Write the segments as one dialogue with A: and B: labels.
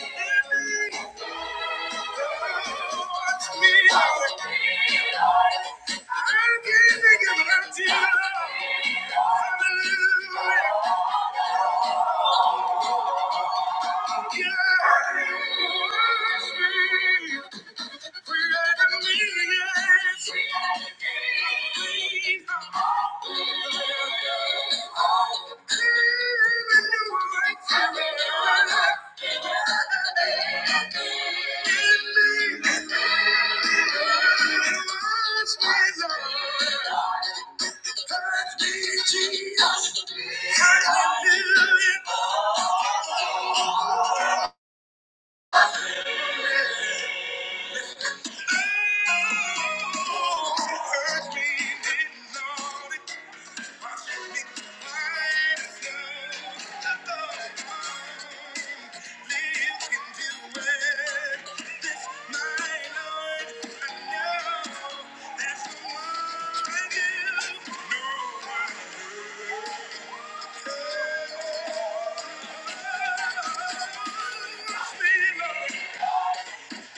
A: Hallelujah. Jesus. hallelujah. Thank you.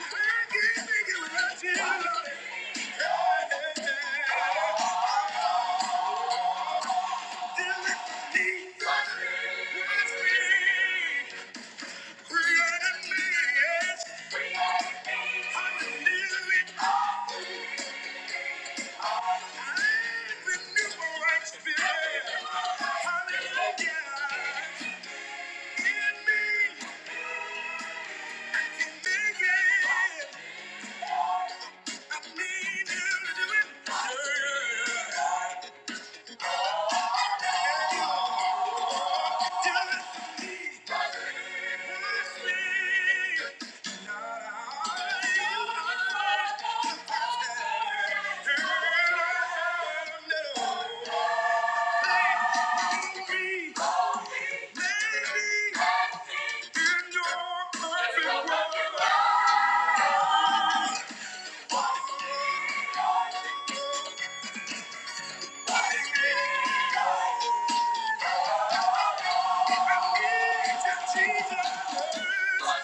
A: I need you to do it. Yeah, yeah, yeah. Jesus. Come on, church, repeat after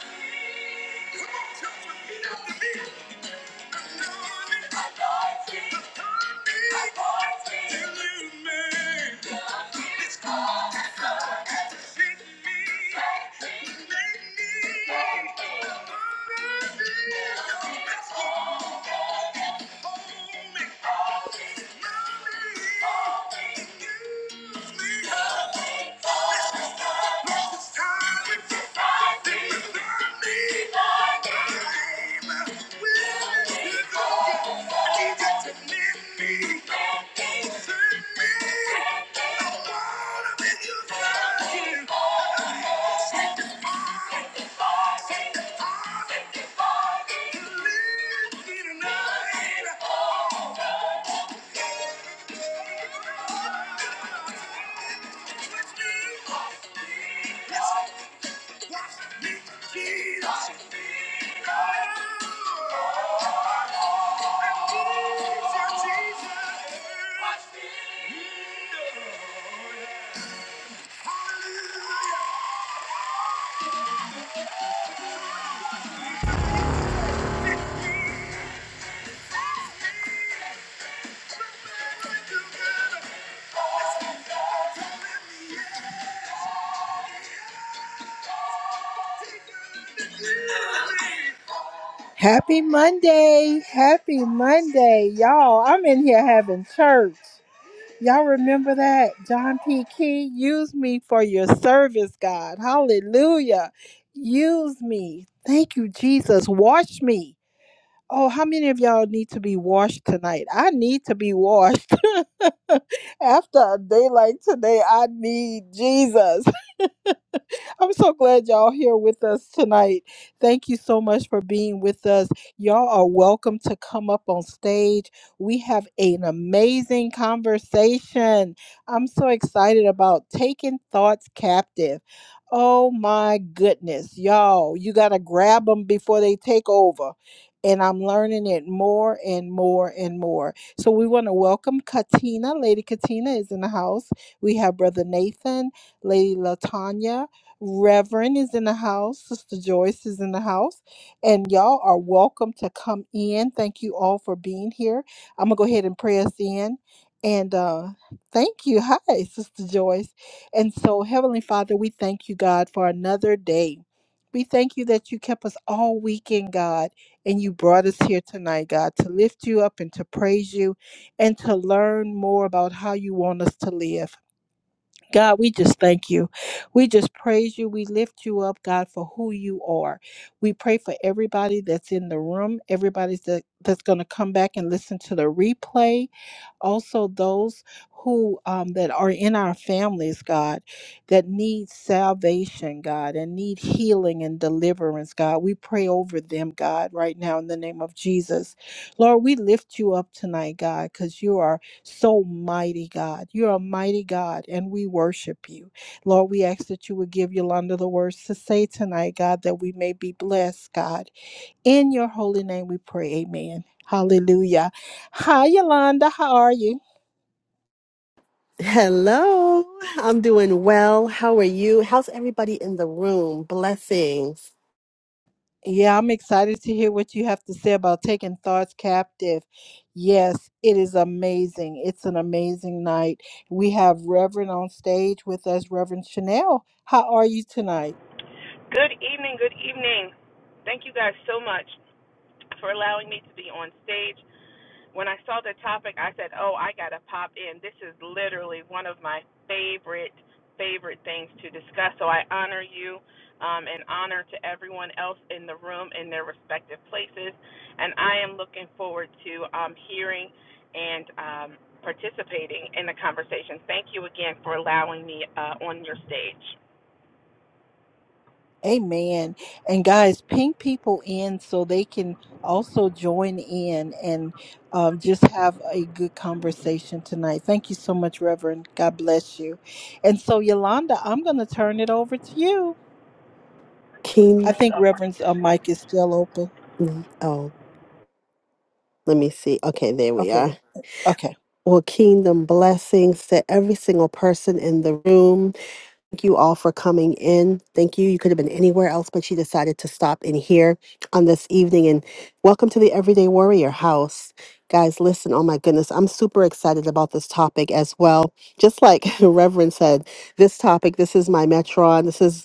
A: me. get out the beat. Hold me. Tonight. Happy Monday. Happy Monday, y'all. I'm in here having church. Y'all remember that? John P. Key, use me for your service, God. Hallelujah. Use me. Thank you, Jesus. Wash me. Oh, how many of y'all need to be washed tonight? I need to be washed. After a day like today, I need Jesus. I'm so glad y'all here with us tonight. Thank you so much for being with us. Y'all are welcome to come up on stage. We have an amazing conversation. I'm so excited about taking thoughts captive. Oh my goodness, y'all, you got to grab them before they take over. And I'm learning it more and more and more. So we want to welcome Katina. Lady Katina is in the house. We have Brother Nathan, Lady Latanya, Reverend is in the house. Sister Joyce is in the house. And y'all are welcome to come in. Thank you all for being here. I'm going to go ahead and pray us in. And uh, thank you. Hi, Sister Joyce. And so, Heavenly Father, we thank you, God, for another day. We thank you that you kept us all weekend, God, and you brought us here tonight, God, to lift you up and to praise you and to learn more about how you want us to live. God, we just thank you. We just praise you. We lift you up, God, for who you are. We pray for everybody that's in the room, everybody that, that's going to come back and listen to the replay. Also, those who um, that are in our families, God, that need salvation, God, and need healing and deliverance, God. We pray over them, God, right now in the name of Jesus. Lord, we lift you up tonight, God, because you are so mighty God. You're a mighty God, and we worship you. Lord, we ask that you would give Yolanda the words to say tonight, God, that we may be blessed, God. In your holy name we pray, amen. Hallelujah. Hi, Yolanda. How are you?
B: Hello, I'm doing well. How are you? How's everybody in the room? Blessings.
A: Yeah, I'm excited to hear what you have to say about taking thoughts captive. Yes, it is amazing. It's an amazing night. We have Reverend on stage with us, Reverend Chanel. How are you tonight?
C: Good evening, good evening. Thank you guys so much for allowing me to be on stage. When I saw the topic, I said, Oh, I got to pop in. This is literally one of my favorite, favorite things to discuss. So I honor you um, and honor to everyone else in the room in their respective places. And I am looking forward to um, hearing and um, participating in the conversation. Thank you again for allowing me uh, on your stage.
A: Amen. And guys, ping people in so they can also join in and um, just have a good conversation tonight. Thank you so much, Reverend. God bless you. And so, Yolanda, I'm going to turn it over to you. I
B: King,
A: think Reverend's uh, mic is still open.
B: oh, let me see. Okay, there we
A: Okay.
B: are.
A: Okay.
B: Well, kingdom blessings to every single person in the room. Thank you all for coming in. Thank you. You could have been anywhere else, but you decided to stop in here on this evening. And welcome to the Everyday Warrior House. Guys, listen, oh my goodness, I'm super excited about this topic as well. Just like Reverend said, this topic, this is my Metron. This is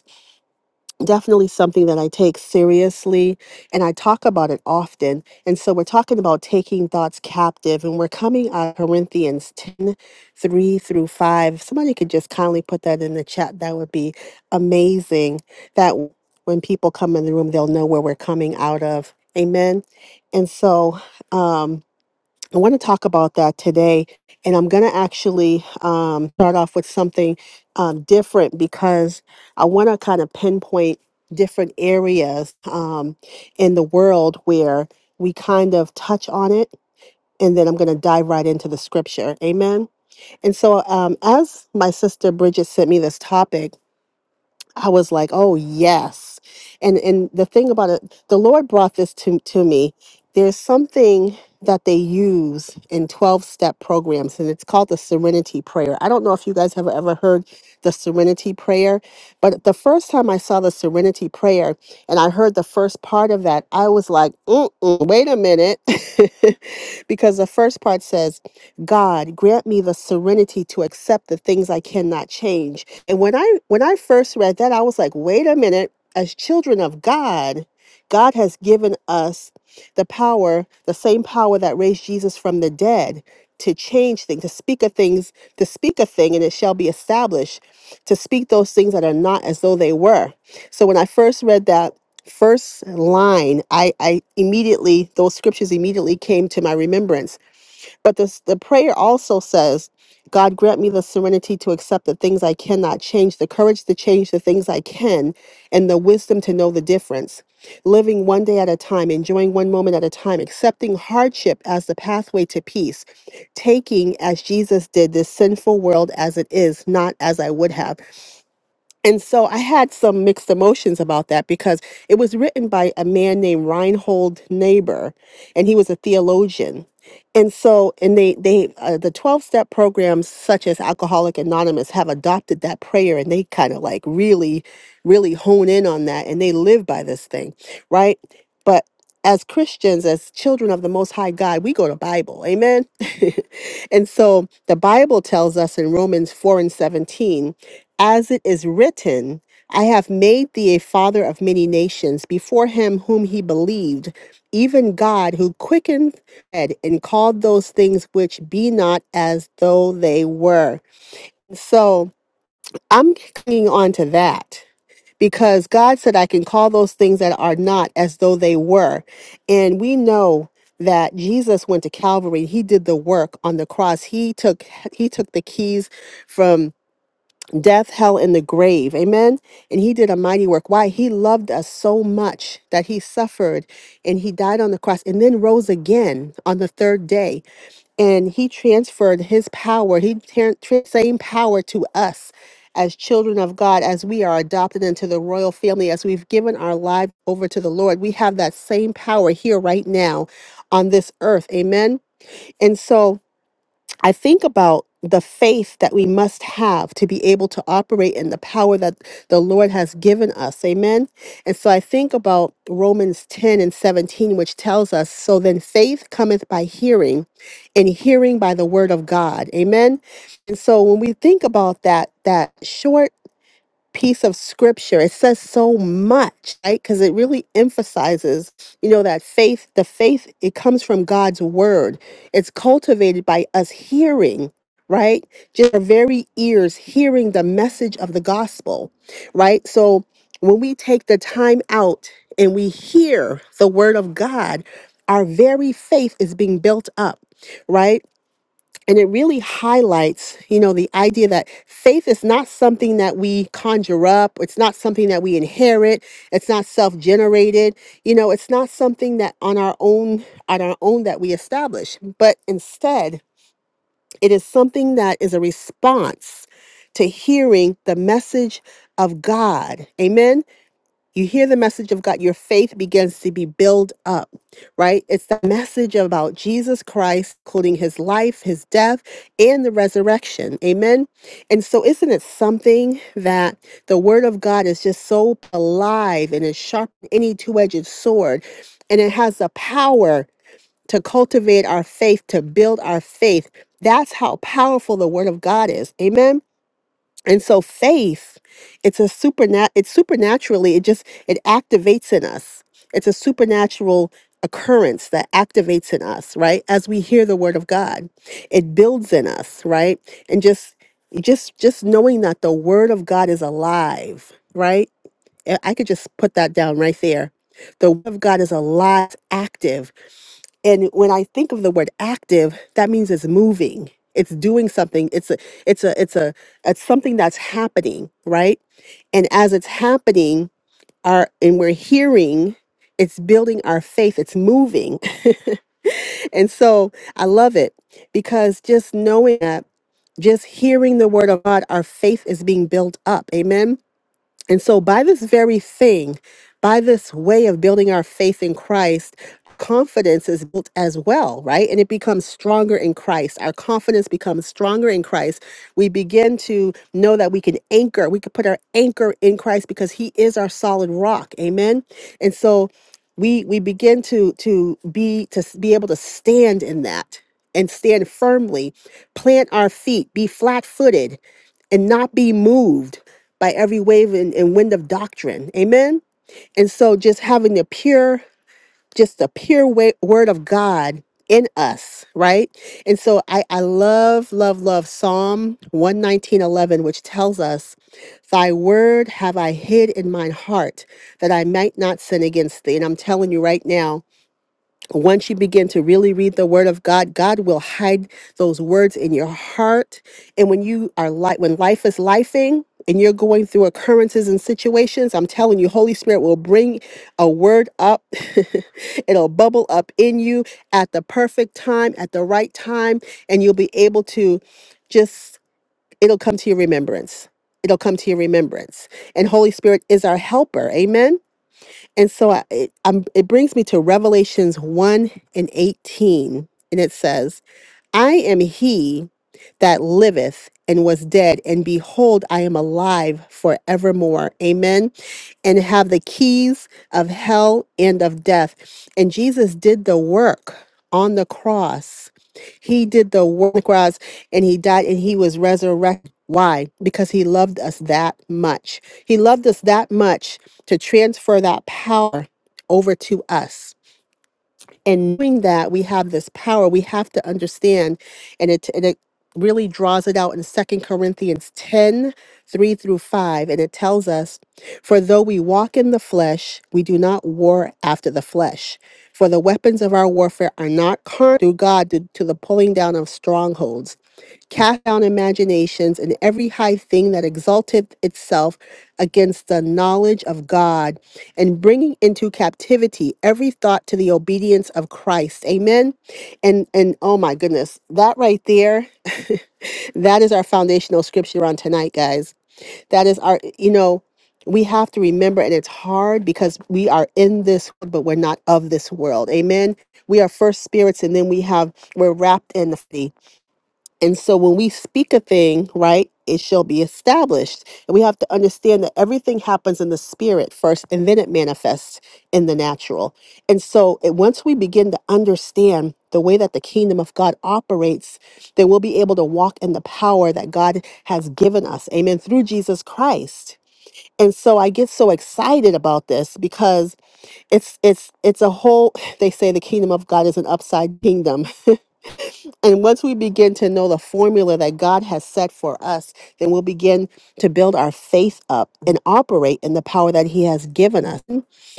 B: definitely something that I take seriously and I talk about it often. And so we're talking about taking thoughts captive and we're coming out of Corinthians 10, 3 through 5. If Somebody could just kindly put that in the chat. That would be amazing. That when people come in the room, they'll know where we're coming out of. Amen. And so, um, I want to talk about that today. And I'm going to actually um, start off with something um, different because I want to kind of pinpoint different areas um, in the world where we kind of touch on it. And then I'm going to dive right into the scripture. Amen. And so, um, as my sister Bridget sent me this topic, I was like, oh yes. And and the thing about it, the Lord brought this to, to me. There's something that they use in 12 step programs, and it's called the Serenity Prayer. I don't know if you guys have ever heard the Serenity Prayer, but the first time I saw the Serenity Prayer and I heard the first part of that, I was like, Mm-mm, wait a minute. because the first part says, God, grant me the serenity to accept the things I cannot change and when I when I first read that, I was like, wait a minute, as children of God, God has given us the power, the same power that raised Jesus from the dead to change things, to speak of things, to speak a thing and it shall be established, to speak those things that are not as though they were. So when I first read that first line, I, I immediately those scriptures immediately came to my remembrance but this, the prayer also says, God grant me the serenity to accept the things I cannot change, the courage to change the things I can, and the wisdom to know the difference. Living one day at a time, enjoying one moment at a time, accepting hardship as the pathway to peace, taking, as Jesus did, this sinful world as it is, not as I would have. And so I had some mixed emotions about that because it was written by a man named Reinhold Niebuhr, and he was a theologian. And so, and they, they, uh, the 12 step programs such as Alcoholic Anonymous have adopted that prayer and they kind of like really, really hone in on that and they live by this thing, right? But as Christians, as children of the Most High God, we go to Bible, amen? and so the Bible tells us in Romans 4 and 17 as it is written, I have made thee a father of many nations before him whom he believed, even God who quickened dead and called those things which be not as though they were. So I'm clinging on to that because God said, I can call those things that are not as though they were. And we know that Jesus went to Calvary. He did the work on the cross. He took he took the keys from death, hell, and the grave. Amen. And he did a mighty work. Why? He loved us so much that he suffered and he died on the cross and then rose again on the third day. And he transferred his power, he tran- tran- same power to us as children of God, as we are adopted into the royal family, as we've given our life over to the Lord. We have that same power here right now on this earth. Amen. And so I think about the faith that we must have to be able to operate in the power that the Lord has given us. Amen. And so I think about Romans 10 and 17, which tells us, So then faith cometh by hearing, and hearing by the word of God. Amen. And so when we think about that, that short piece of scripture. It says so much, right? Because it really emphasizes, you know, that faith, the faith, it comes from God's word. It's cultivated by us hearing, right? Just our very ears hearing the message of the gospel, right? So when we take the time out and we hear the word of God, our very faith is being built up, right? And it really highlights, you know, the idea that faith is not something that we conjure up. It's not something that we inherit. It's not self-generated. You know, it's not something that on our own, on our own that we establish. But instead, it is something that is a response to hearing the message of God. Amen you hear the message of God, your faith begins to be built up, right? It's the message about Jesus Christ, including his life, his death, and the resurrection. Amen. And so, isn't it something that the word of God is just so alive and is sharp, than any two edged sword, and it has the power to cultivate our faith, to build our faith? That's how powerful the word of God is. Amen and so faith it's a supernat it's supernaturally it just it activates in us it's a supernatural occurrence that activates in us right as we hear the word of god it builds in us right and just just just knowing that the word of god is alive right i I could just put that down right there the word of god is alive active and when i think of the word active that means it's moving it's doing something it's a it's a it's a it's something that's happening right and as it's happening our and we're hearing it's building our faith it's moving and so i love it because just knowing that just hearing the word of god our faith is being built up amen and so, by this very thing, by this way of building our faith in Christ, confidence is built as well, right? And it becomes stronger in Christ. Our confidence becomes stronger in Christ. We begin to know that we can anchor, we can put our anchor in Christ because he is our solid rock. Amen. And so, we we begin to to be to s- be able to stand in that and stand firmly plant our feet be flat-footed and not be moved by every wave and, and wind of doctrine. Amen. And so just having the pure, just the pure wa- word of God in us, right? And so I, I love, love, love Psalm one nineteen eleven, which tells us, Thy word have I hid in mine heart that I might not sin against thee. And I'm telling you right now, once you begin to really read the word of God, God will hide those words in your heart. And when you are like when life is lifing and you're going through occurrences and situations, I'm telling you, Holy Spirit will bring a word up. It'll bubble up in you at the perfect time, at the right time, and you'll be able to just it'll come to your remembrance. It'll come to your remembrance. And Holy Spirit is our helper. Amen. And so I, it, um it brings me to Revelations 1 and 18. And it says, I am he that liveth and was dead, and behold, I am alive forevermore. Amen and have the keys of hell and of death. And Jesus did the work on the cross. He did the work on the cross and he died and he was resurrected. Why? Because he loved us that much. He loved us that much to transfer that power over to us and knowing that we have this power we have to understand and it and it really draws it out in Second corinthians 10 3 through 5 and it tells us for though we walk in the flesh we do not war after the flesh for the weapons of our warfare are not carnal through god to, to the pulling down of strongholds cast down imaginations and every high thing that exalteth itself against the knowledge of God, and bringing into captivity every thought to the obedience of Christ. Amen. And and oh my goodness, that right there, that is our foundational scripture on tonight, guys. That is our you know. We have to remember, and it's hard because we are in this, world, but we're not of this world. Amen. We are first spirits, and then we have we're wrapped in the and so when we speak a thing, right, it shall be established. And we have to understand that everything happens in the spirit first and then it manifests in the natural. And so it, once we begin to understand the way that the kingdom of God operates, then we'll be able to walk in the power that God has given us. Amen. Through Jesus Christ. And so I get so excited about this because it's it's it's a whole they say the kingdom of God is an upside kingdom. And once we begin to know the formula that God has set for us, then we'll begin to build our faith up and operate in the power that He has given us.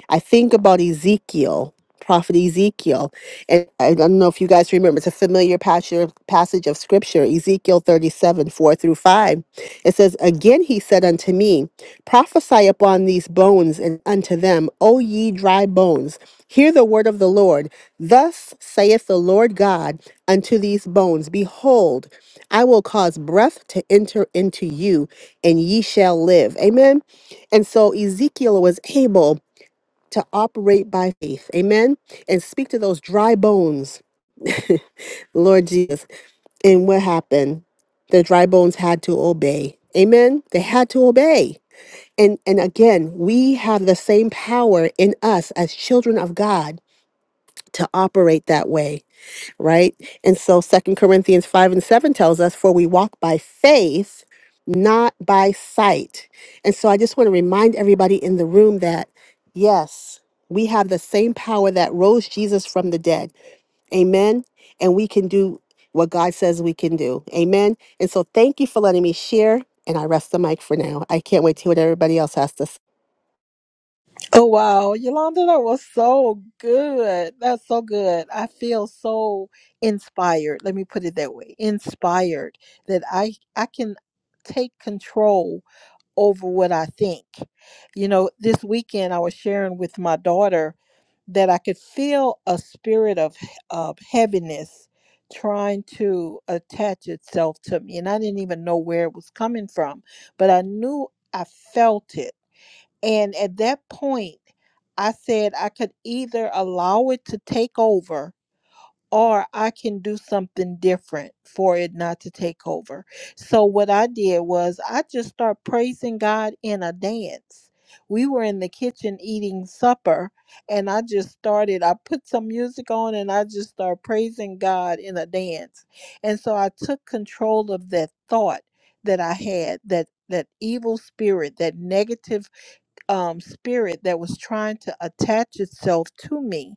B: I think about Ezekiel, Prophet Ezekiel, and I don't know if you guys remember, it's a familiar passage, passage of Scripture, Ezekiel 37 4 through 5. It says, Again he said unto me, Prophesy upon these bones and unto them, O ye dry bones, hear the word of the Lord. Thus saith the Lord God unto these bones, Behold, I will cause breath to enter into you, and ye shall live. Amen. And so Ezekiel was able to operate by faith. Amen. And speak to those dry bones, Lord Jesus. And what happened? The dry bones had to obey. Amen. They had to obey. And, and again, we have the same power in us as children of God to operate that way right? And so Second Corinthians 5 and 7 tells us, For we walk by faith, not by sight. And so I just want to remind everybody in the room that, yes, we have the same power that rose Jesus from the dead. Amen. And we can do what God says we can do. Amen. And so thank you for letting me share. And I rest the mic for now. I can't wait to hear what everybody else has to say.
A: Oh, wow. Yolanda, that was so good. That's so good. I feel so inspired. Let me put it that way inspired that I, I can take control over what I think. You know, this weekend I was sharing with my daughter that I could feel a spirit of, of heaviness trying to attach itself to me. And I didn't even know where it was coming from, but I knew I felt it. And at that point, I said I could either allow it to take over or I can do something different for it not to take over. So what I did was I just start praising God in a dance. We were in the kitchen eating supper and I just started I put some music on and I just started praising God in a dance. And so I took control of that thought that I had that that evil spirit, that negative um, spirit that was trying to attach itself to me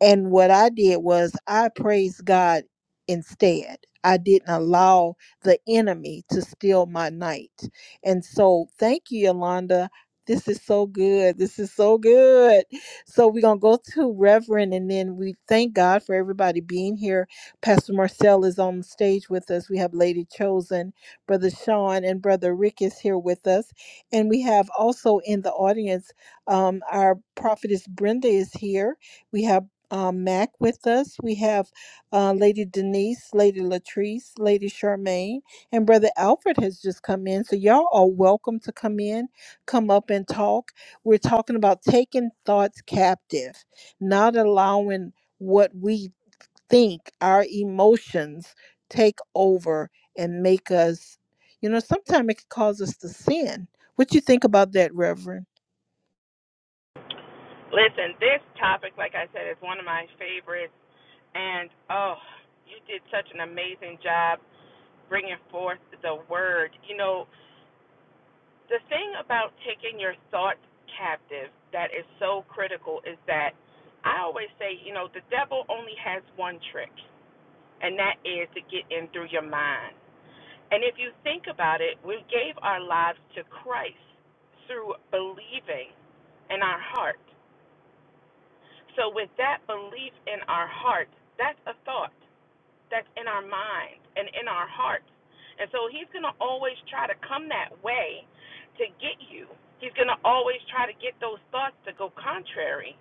A: and what I did was I praised God instead. I didn't allow the enemy to steal my night. And so thank you, Yolanda. This is so good. This is so good. So we're gonna go to Reverend and then we thank God for everybody being here. Pastor Marcel is on the stage with us. We have Lady Chosen, Brother Sean, and Brother Rick is here with us. And we have also in the audience um, our prophetess Brenda is here. We have um, Mac with us. We have uh, Lady Denise, Lady Latrice, Lady Charmaine, and Brother Alfred has just come in. So y'all are welcome to come in, come up and talk. We're talking about taking thoughts captive, not allowing what we think our emotions take over and make us, you know, sometimes it can cause us to sin. What you think about that, Reverend?
C: Listen, this topic, like I said, is one of my favorites. And oh, you did such an amazing job bringing forth the word. You know, the thing about taking your thoughts captive that is so critical is that I always say, you know, the devil only has one trick, and that is to get in through your mind. And if you think about it, we gave our lives to Christ through believing in our heart. So, with that belief in our heart, that's a thought that's in our mind and in our hearts. And so, he's going to always try to come that way to get you. He's going to always try to get those thoughts to go contrary.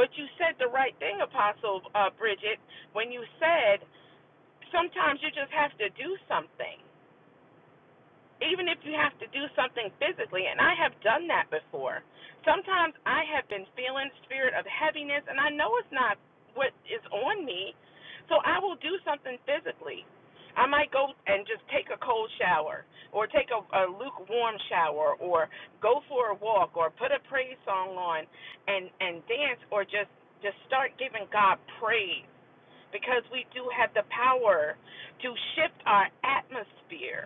C: But you said the right thing, Apostle uh, Bridget, when you said sometimes you just have to do something even if you have to do something physically, and I have done that before. Sometimes I have been feeling spirit of heaviness, and I know it's not what is on me, so I will do something physically. I might go and just take a cold shower, or take a, a lukewarm shower, or go for a walk, or put a praise song on, and and dance, or just just start giving God praise because we do have the power to shift our atmosphere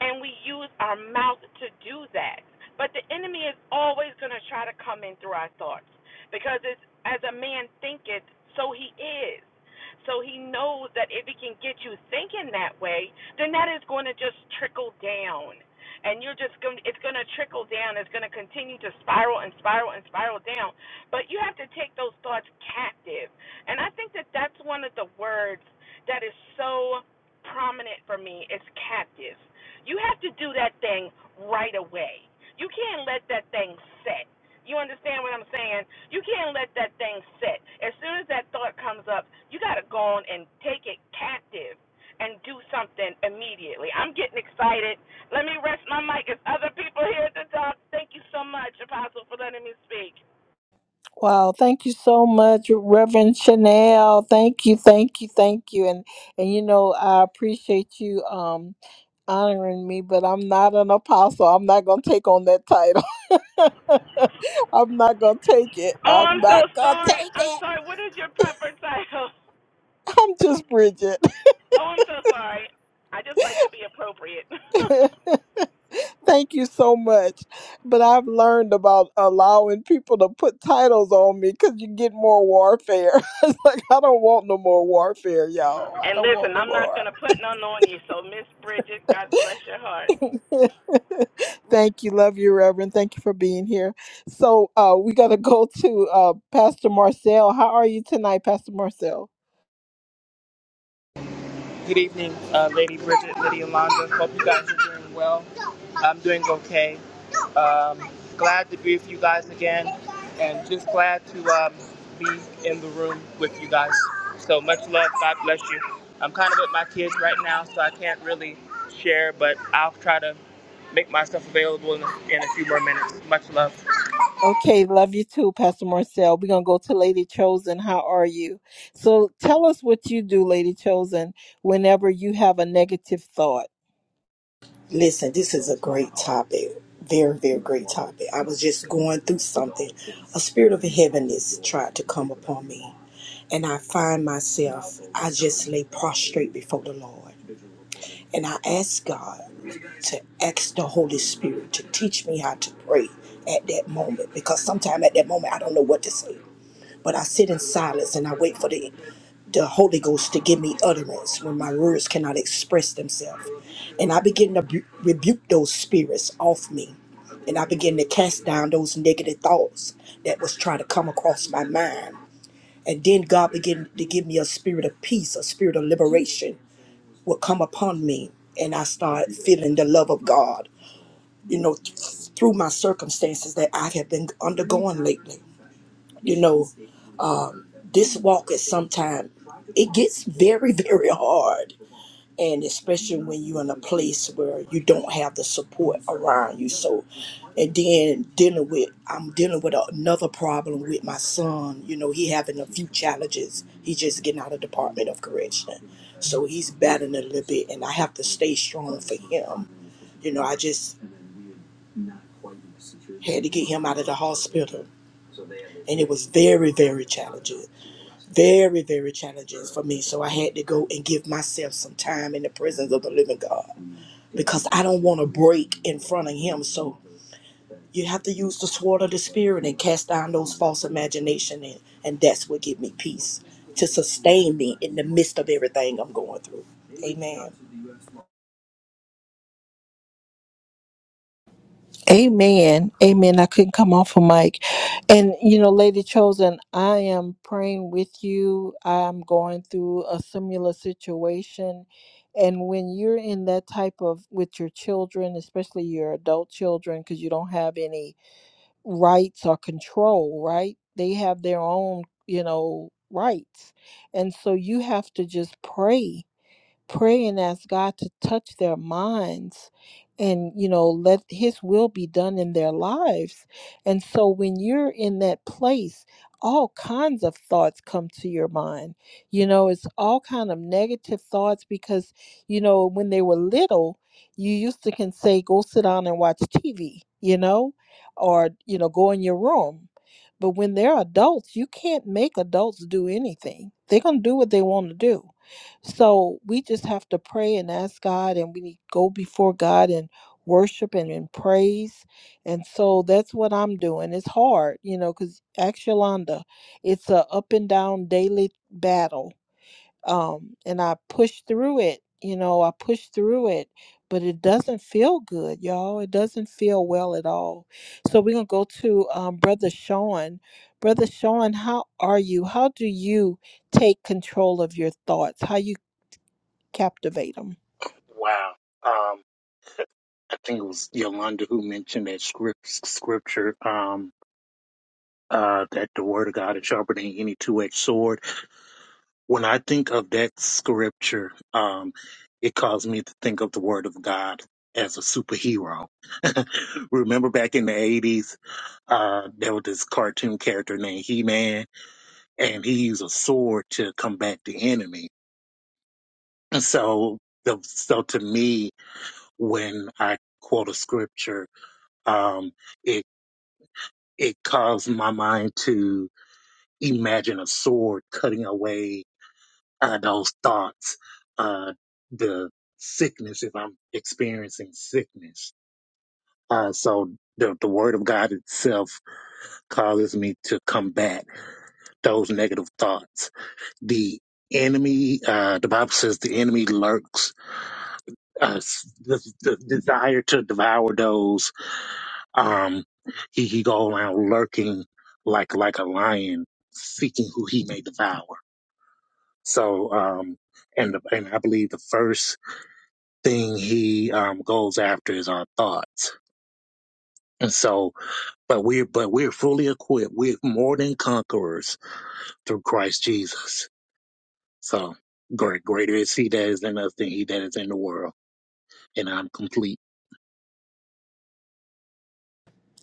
C: and we use our mouth to do that. But the enemy is always going to try to come in through our thoughts because it's as a man thinketh, so he is. So he knows that if he can get you thinking that way, then that is going to just trickle down. And you're just going to, it's going to trickle down. It's going to continue to spiral and spiral and spiral down. But you have to take those thoughts captive. And I think that that's one of the words that is so prominent for me is captive you have to do that thing right away. You can't let that thing sit. You understand what I'm saying? You can't let that thing sit. As soon as that thought comes up, you got to go on and take it captive and do something immediately. I'm getting excited. Let me rest my mic. There's other people here at the top. Thank you so much, Apostle, for letting me speak.
A: Wow, thank you so much, Reverend Chanel. Thank you, thank you, thank you. And and you know, I appreciate you um honoring me, but I'm not an apostle. I'm not gonna take on that title. I'm not gonna take it.
C: Oh,
A: I'm
C: I'm
A: not
C: so
A: gonna
C: sorry.
A: take
C: I'm
A: it.
C: sorry. What is your proper title?
A: I'm just Bridget.
C: Oh, I'm so sorry. I just like to be appropriate.
A: Thank you so much. But I've learned about allowing people to put titles on me because you get more warfare. it's like I don't want no more warfare, y'all. I
C: And
A: don't want
C: listen,
A: no
C: I'm not
A: more.
C: going to put none on you. So, Miss Bridget, God bless your heart.
A: Thank you. Love you, Reverend. Thank you for being here. So uh, we got to go to uh, Pastor Marcel. How are you tonight, Pastor Marcel?
D: Good evening, uh, Lady Bridget, Lady Alonda. Hope you guys are doing well. I'm doing okay. Um, glad to be with you guys again, and just glad to um, be in the room with you guys. So much love. God bless you. I'm kind of with my kids right now, so I can't really share, but I'll try to make myself available in a, in a few more minutes. Much love.
A: Okay, love you too, Pastor Marcel. We're going to go to Lady Chosen. How are you? So tell us what you do, Lady Chosen, whenever you have a negative thought.
E: Listen, this is a great topic. Very, very great topic. I was just going through something. A spirit of heaviness tried to come upon me. And I find myself, I just lay prostrate before the Lord. And I ask God to ask the Holy Spirit to teach me how to pray at that moment. Because sometimes at that moment, I don't know what to say. But I sit in silence and I wait for the the Holy Ghost to give me utterance when my words cannot express themselves. And I begin to bu- rebuke those spirits off me. And I begin to cast down those negative thoughts that was trying to come across my mind. And then God began to give me a spirit of peace, a spirit of liberation will come upon me. And I start feeling the love of God, you know, th- through my circumstances that I have been undergoing lately. You know, this walk is sometimes, it gets very, very hard and especially when you're in a place where you don't have the support around you. So, and then dealing with I'm dealing with another problem with my son. You know, he having a few challenges. He's just getting out of Department of Correction, so he's battling a little bit, and I have to stay strong for him. You know, I just had to get him out of the hospital, and it was very, very challenging. Very, very challenging for me. So I had to go and give myself some time in the presence of the living God because I don't want to break in front of Him. So you have to use the sword of the Spirit and cast down those false imagination, and, and that's what give me peace to sustain me in the midst of everything I'm going through. Amen.
A: Amen. Amen. I couldn't come off a mic. And, you know, Lady Chosen, I am praying with you. I'm going through a similar situation. And when you're in that type of, with your children, especially your adult children, because you don't have any rights or control, right? They have their own, you know, rights. And so you have to just pray pray and ask God to touch their minds and you know let his will be done in their lives and so when you're in that place all kinds of thoughts come to your mind you know it's all kind of negative thoughts because you know when they were little you used to can say go sit down and watch tv you know or you know go in your room but when they're adults you can't make adults do anything they're going to do what they want to do so we just have to pray and ask God, and we need go before God and worship and in praise. And so that's what I'm doing. It's hard, you know, because ask Yolanda, it's a up and down daily battle. Um, and I push through it, you know, I push through it, but it doesn't feel good, y'all. It doesn't feel well at all. So we're gonna go to um, Brother Sean. Brother Sean, how are you? How do you take control of your thoughts how you captivate them.
F: Wow. Um, I think it was Yolanda who mentioned that script, scripture, um, uh, that the word of God is sharper than any two-edged sword. When I think of that scripture, um, it caused me to think of the word of God as a superhero. Remember back in the 80s, uh, there was this cartoon character named He-Man, and he used a sword to combat the enemy. And so, the, so to me, when I quote a scripture, um, it caused my mind to imagine a sword cutting away uh, those thoughts, uh, the sickness if I'm experiencing sickness. Uh, so the, the word of God itself causes me to combat those negative thoughts. The enemy, uh, the Bible says the enemy lurks, uh, s- the, the desire to devour those Um, he, he go around lurking like, like a lion, seeking who he may devour. So, um, and, the, and I believe the first thing he, um, goes after is our thoughts. And so, but we're, but we're fully equipped. We're more than conquerors through Christ Jesus. So great, greater is he that is in us than he that is in the world. And I'm complete.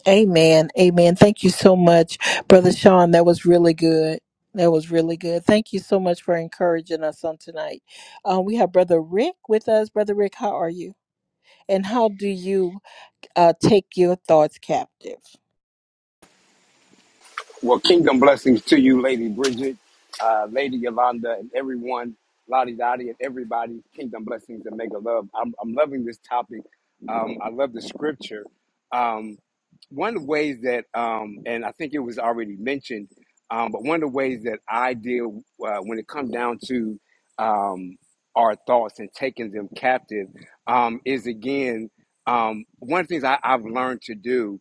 A: Amen. Amen. Thank you so much, Brother Sean. That was really good. That was really good. Thank you so much for encouraging us on tonight. Uh, we have Brother Rick with us. Brother Rick, how are you? And how do you uh, take your thoughts captive?
G: Well, kingdom blessings to you, Lady Bridget, uh, Lady Yolanda, and everyone, Lottie Dottie, and everybody. Kingdom blessings and mega love. I'm, I'm loving this topic. Um, I love the scripture. Um, one of the ways that, um, and I think it was already mentioned, um, but one of the ways that I deal uh, when it comes down to um, our thoughts and taking them captive um, is again, um, one of the things I, I've learned to do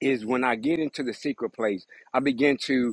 G: is when I get into the secret place, I begin to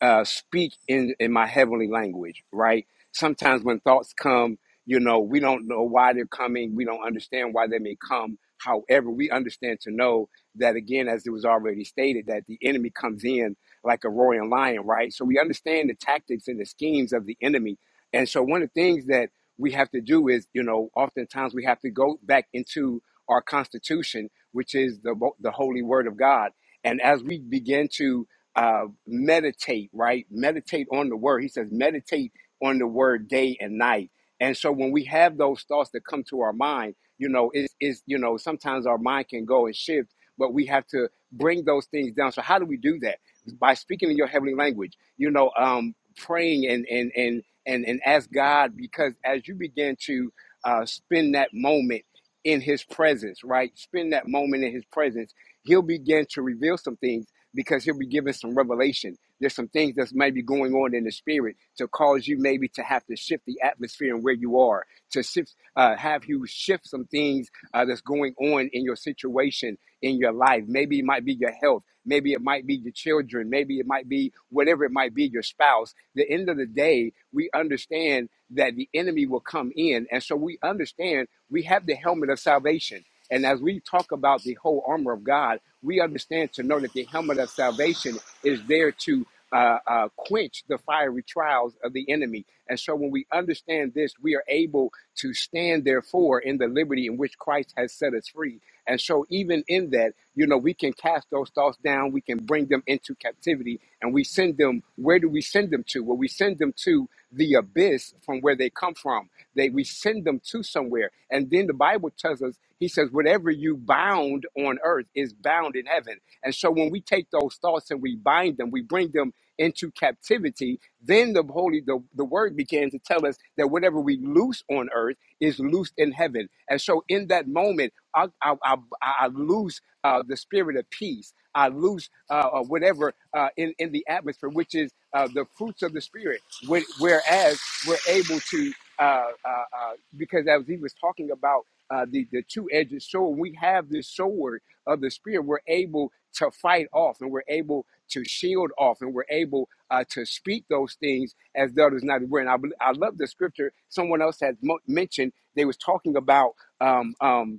G: uh, speak in, in my heavenly language, right? Sometimes when thoughts come, you know, we don't know why they're coming. We don't understand why they may come. However, we understand to know that, again, as it was already stated, that the enemy comes in like a roaring lion, right? So we understand the tactics and the schemes of the enemy. And so one of the things that we have to do is, you know, oftentimes we have to go back into our constitution, which is the, the holy word of God. And as we begin to uh, meditate, right? Meditate on the word. He says, meditate on the word day and night. And so when we have those thoughts that come to our mind, you know, it's, it's you know, sometimes our mind can go and shift, but we have to bring those things down. So how do we do that? By speaking in your heavenly language, you know, um, praying and and and and and ask God because as you begin to uh, spend that moment in His presence, right? Spend that moment in His presence. He'll begin to reveal some things because he'll be giving some revelation. There's some things that might be going on in the spirit to cause you maybe to have to shift the atmosphere and where you are, to shift, uh, have you shift some things uh, that's going on in your situation in your life. Maybe it might be your health. Maybe it might be your children. Maybe it might be whatever it might be, your spouse. The end of the day, we understand that the enemy will come in. And so we understand we have the helmet of salvation. And as we talk about the whole armor of God, we understand to know that the helmet of salvation is there to uh, uh, quench the fiery trials of the enemy. And so when we understand this, we are able to stand, therefore, in the liberty in which Christ has set us free. And so, even in that, you know, we can cast those thoughts down, we can bring them into captivity, and we send them where do we send them to? Well, we send them to the abyss from where they come from. They we send them to somewhere. And then the Bible tells us he says, whatever you bound on earth is bound in heaven. And so when we take those thoughts and we bind them, we bring them into captivity, then the holy the, the word began to tell us that whatever we loose on earth is loosed in heaven. And so in that moment, I, I, I, I lose uh, the spirit of peace. I lose uh, uh, whatever uh, in, in the atmosphere, which is uh, the fruits of the spirit. Whe- Whereas we're able to, uh, uh, uh, because as he was talking about uh, the, the two-edged sword. we have this sword of the spirit, we're able to fight off and we're able to shield off and we're able uh, to speak those things as though there's not were. And I, bel- I love the scripture someone else had mo- mentioned. They was talking about um um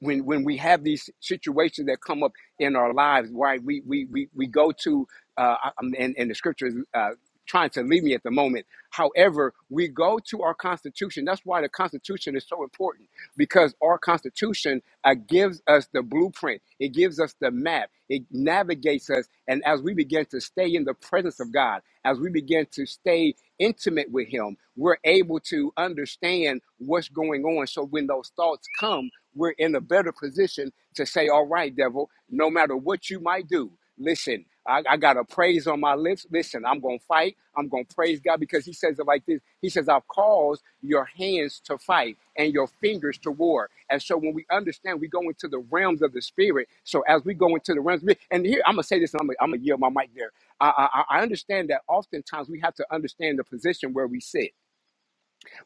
G: when when we have these situations that come up in our lives, right? We we we we go to uh, um, and and the scripture is uh, trying to leave me at the moment. However, we go to our Constitution. That's why the Constitution is so important because our Constitution uh, gives us the blueprint. It gives us the map. It navigates us, and as we begin to stay in the presence of God, as we begin to stay intimate with Him, we're able to understand what's going on. So when those thoughts come we're in a better position to say, all right, devil, no matter what you might do, listen, I, I got a praise on my lips. Listen, I'm going to fight. I'm going to praise God because he says it like this. He says, I've caused your hands to fight and your fingers to war. And so when we understand, we go into the realms of the spirit. So as we go into the realms, of the- spirit, and here, I'm going to say this and I'm going to yield my mic there. I, I, I understand that oftentimes we have to understand the position where we sit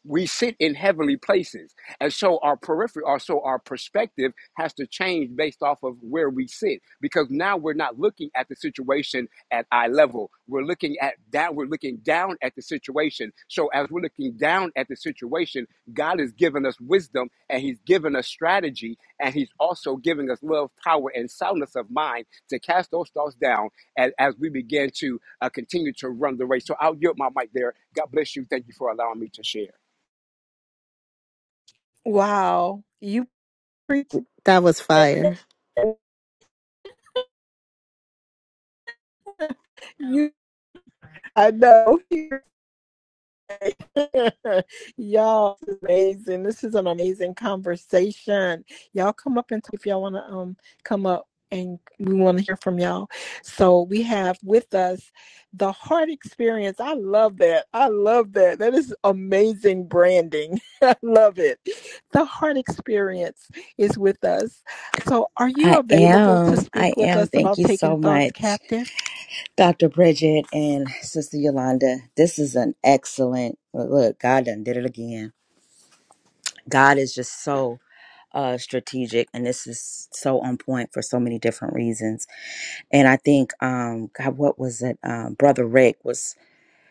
G: we sit in heavenly places and so our periphery or so our perspective has to change based off of where we sit because now we're not looking at the situation at eye level we're looking at down we're looking down at the situation so as we're looking down at the situation god has given us wisdom and he's given us strategy and he's also giving us love power and soundness of mind to cast those thoughts down as, as we begin to uh, continue to run the race so i'll yield my mic there god bless you thank you for allowing me to share
A: Wow. You preach.
B: That was fire.
A: You, I know. y'all this is amazing. This is an amazing conversation. Y'all come up and talk if y'all want to um come up and we want to hear from y'all. So we have with us the heart experience. I love that. I love that. That is amazing branding. I love it. The heart experience is with us. So, are you
H: I
A: available to
H: am. I
A: speak with
H: am.
A: us
H: Thank
A: about
H: you
A: taking
H: so
A: thoughts
H: much,
A: captive?
H: Dr. Bridget and Sister Yolanda. This is an excellent uh, look. God done did it again. God is just so uh, strategic, and this is so on point for so many different reasons. And I think, um, God, what was it? Um, Brother Rick was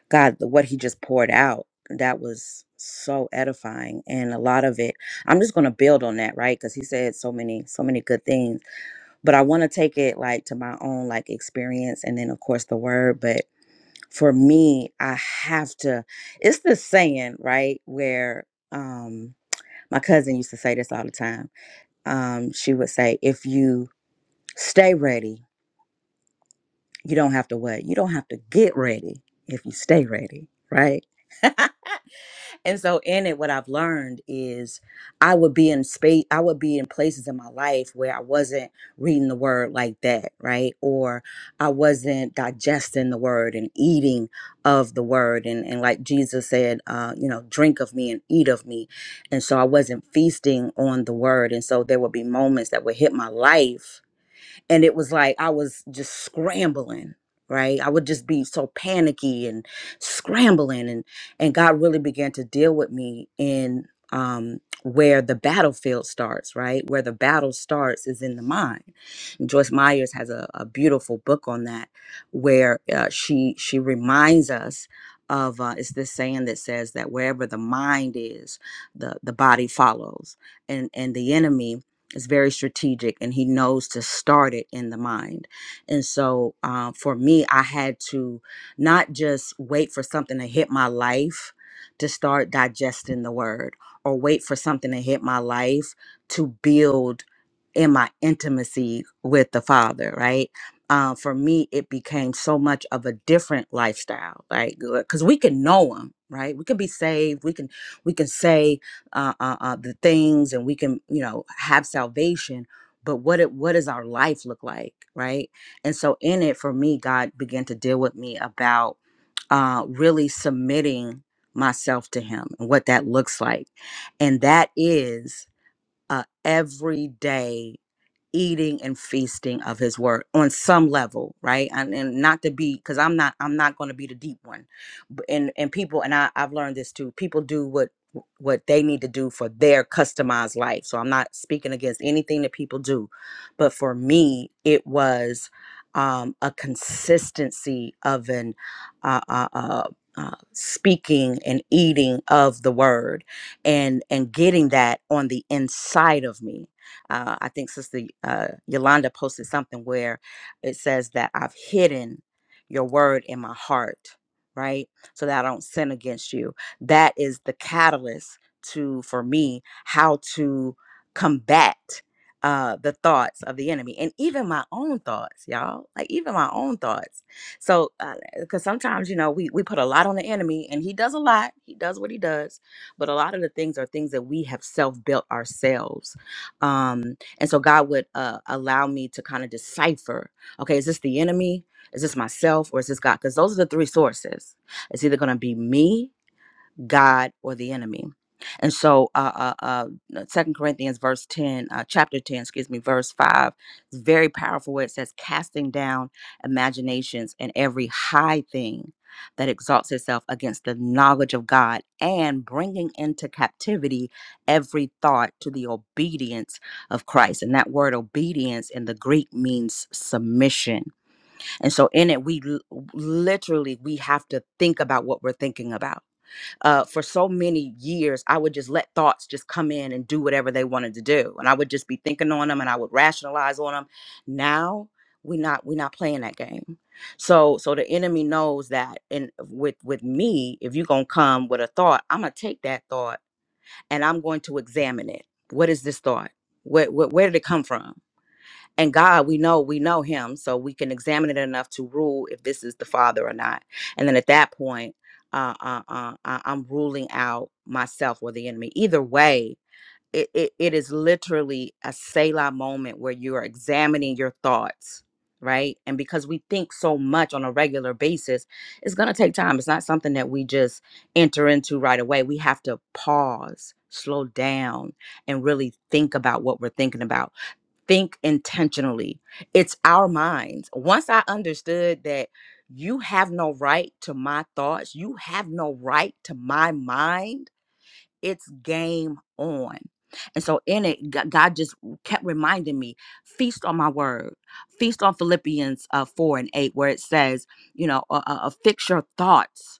H: God. What he just poured out that was so edifying, and a lot of it. I'm just going to build on that, right? Because he said so many, so many good things but I want to take it like to my own like experience and then of course the word but for me I have to it's the saying right where um my cousin used to say this all the time um she would say if you stay ready you don't have to what you don't have to get ready if you stay ready right and so in it what i've learned is i would be in space i would be in places in my life where i wasn't reading the word like that right or i wasn't digesting the word and eating of the word and, and like jesus said uh, you know drink of me and eat of me and so i wasn't feasting on the word and so there would be moments that would hit my life and it was like I was just scrambling, right? I would just be so panicky and scrambling and and God really began to deal with me in um where the battlefield starts, right? Where the battle starts is in the mind. And Joyce Myers has a, a beautiful book on that, where uh, she she reminds us of uh, it's this saying that says that wherever the mind is, the the body follows, and and the enemy it's very strategic, and he knows to start it in the mind. And so, uh, for me, I had to not just wait for something to hit my life to start digesting the word, or wait for something to hit my life to build in my intimacy with the father right um, for me it became so much of a different lifestyle right because we can know him right we can be saved we can we can say uh, uh, uh, the things and we can you know have salvation but what it what does our life look like right and so in it for me god began to deal with me about uh, really submitting myself to him and what that looks like and that is a everyday eating and feasting of his word on some level right and, and not to be because i'm not i'm not going to be the deep one B- and and people and I, i've learned this too people do what what they need to do for their customized life so i'm not speaking against anything that people do but for me it was um a consistency of an uh uh, uh uh, speaking and eating of the word and and getting that on the inside of me uh, I think Sister uh, Yolanda posted something where it says that I've hidden your word in my heart, right? So that I don't sin against you. That is the catalyst to, for me, how to combat uh, the thoughts of the enemy and even my own thoughts, y'all, like even my own thoughts. So, because sometimes, you know, we, we put a lot on the enemy and he does a lot, he does what he does, but a lot of the things are things that we have self built ourselves um and so god would uh allow me to kind of decipher okay is this the enemy is this myself or is this god because those are the three sources it's either going to be me God or the enemy. And so, uh, uh, uh, Second Corinthians, verse ten, uh, chapter ten, excuse me, verse five, it's very powerful. Where it says, "Casting down imaginations and every high thing that exalts itself against the knowledge of God, and bringing into captivity every thought to the obedience of Christ." And that word "obedience" in the Greek means submission. And so, in it, we l- literally we have to think about what we're thinking about uh, for so many years, I would just let thoughts just come in and do whatever they wanted to do, and I would just be thinking on them, and I would rationalize on them. Now we not we not playing that game. So so the enemy knows that, and with with me, if you gonna come with a thought, I'm gonna take that thought and I'm going to examine it. What is this thought? What, what where did it come from? and God, we know, we know him, so we can examine it enough to rule if this is the father or not. And then at that point, uh, uh, uh, uh, I'm ruling out myself or the enemy. Either way, it, it, it is literally a Selah moment where you are examining your thoughts, right? And because we think so much on a regular basis, it's going to take time. It's not something that we just enter into right away. We have to pause, slow down, and really think about what we're thinking about think intentionally. It's our minds. Once I understood that you have no right to my thoughts, you have no right to my mind, it's game on. And so in it, G- God just kept reminding me, feast on my word, feast on Philippians uh, 4 and 8, where it says, you know, uh, uh, uh, fix your thoughts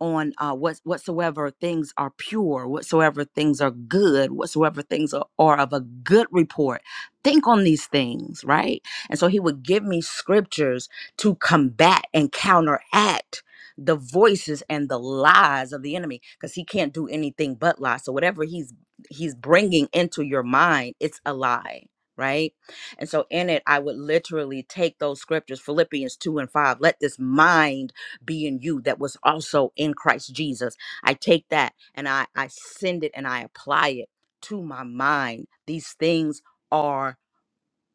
H: on uh, what whatsoever things are pure, whatsoever things are good, whatsoever things are, are of a good report. Think on these things, right? And so he would give me scriptures to combat and counteract the voices and the lies of the enemy because he can't do anything but lie. So whatever he's he's bringing into your mind, it's a lie, right? And so in it, I would literally take those scriptures, Philippians 2 and 5, let this mind being you that was also in Christ Jesus. I take that and I, I send it and I apply it to my mind. These things are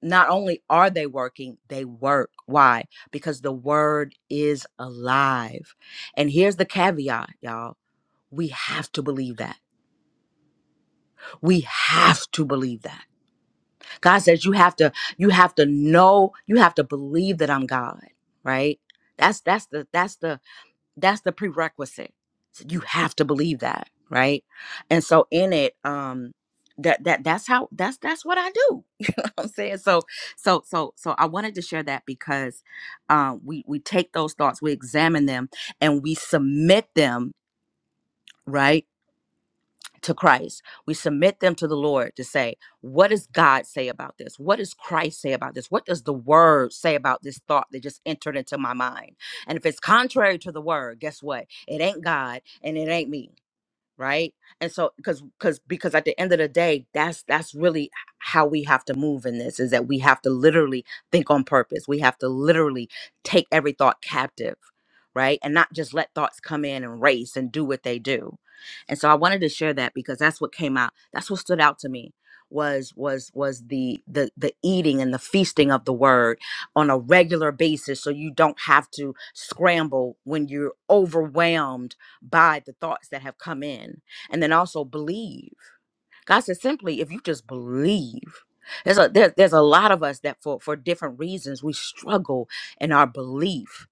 H: not only are they working, they work. Why? Because the word is alive. And here's the caveat, y'all. We have to believe that. We have to believe that. God says you have to you have to know, you have to believe that I'm God, right? That's that's the that's the that's the prerequisite So you have to believe that right and so in it um that that that's how that's that's what i do you know what i'm saying so so so so i wanted to share that because um we we take those thoughts we examine them and we submit them right to Christ. We submit them to the Lord to say, what does God say about this? What does Christ say about this? What does the word say about this thought that just entered into my mind? And if it's contrary to the word, guess what? It ain't God and it ain't me right and so because because because at the end of the day that's that's really how we have to move in this is that we have to literally think on purpose we have to literally take every thought captive right and not just let thoughts come in and race and do what they do and so i wanted to share that because that's what came out that's what stood out to me was was was the the the eating and the feasting of the word on a regular basis so you don't have to scramble when you're overwhelmed by the thoughts that have come in and then also believe god says simply if you just believe there's a there, there's a lot of us that for for different reasons we struggle in our belief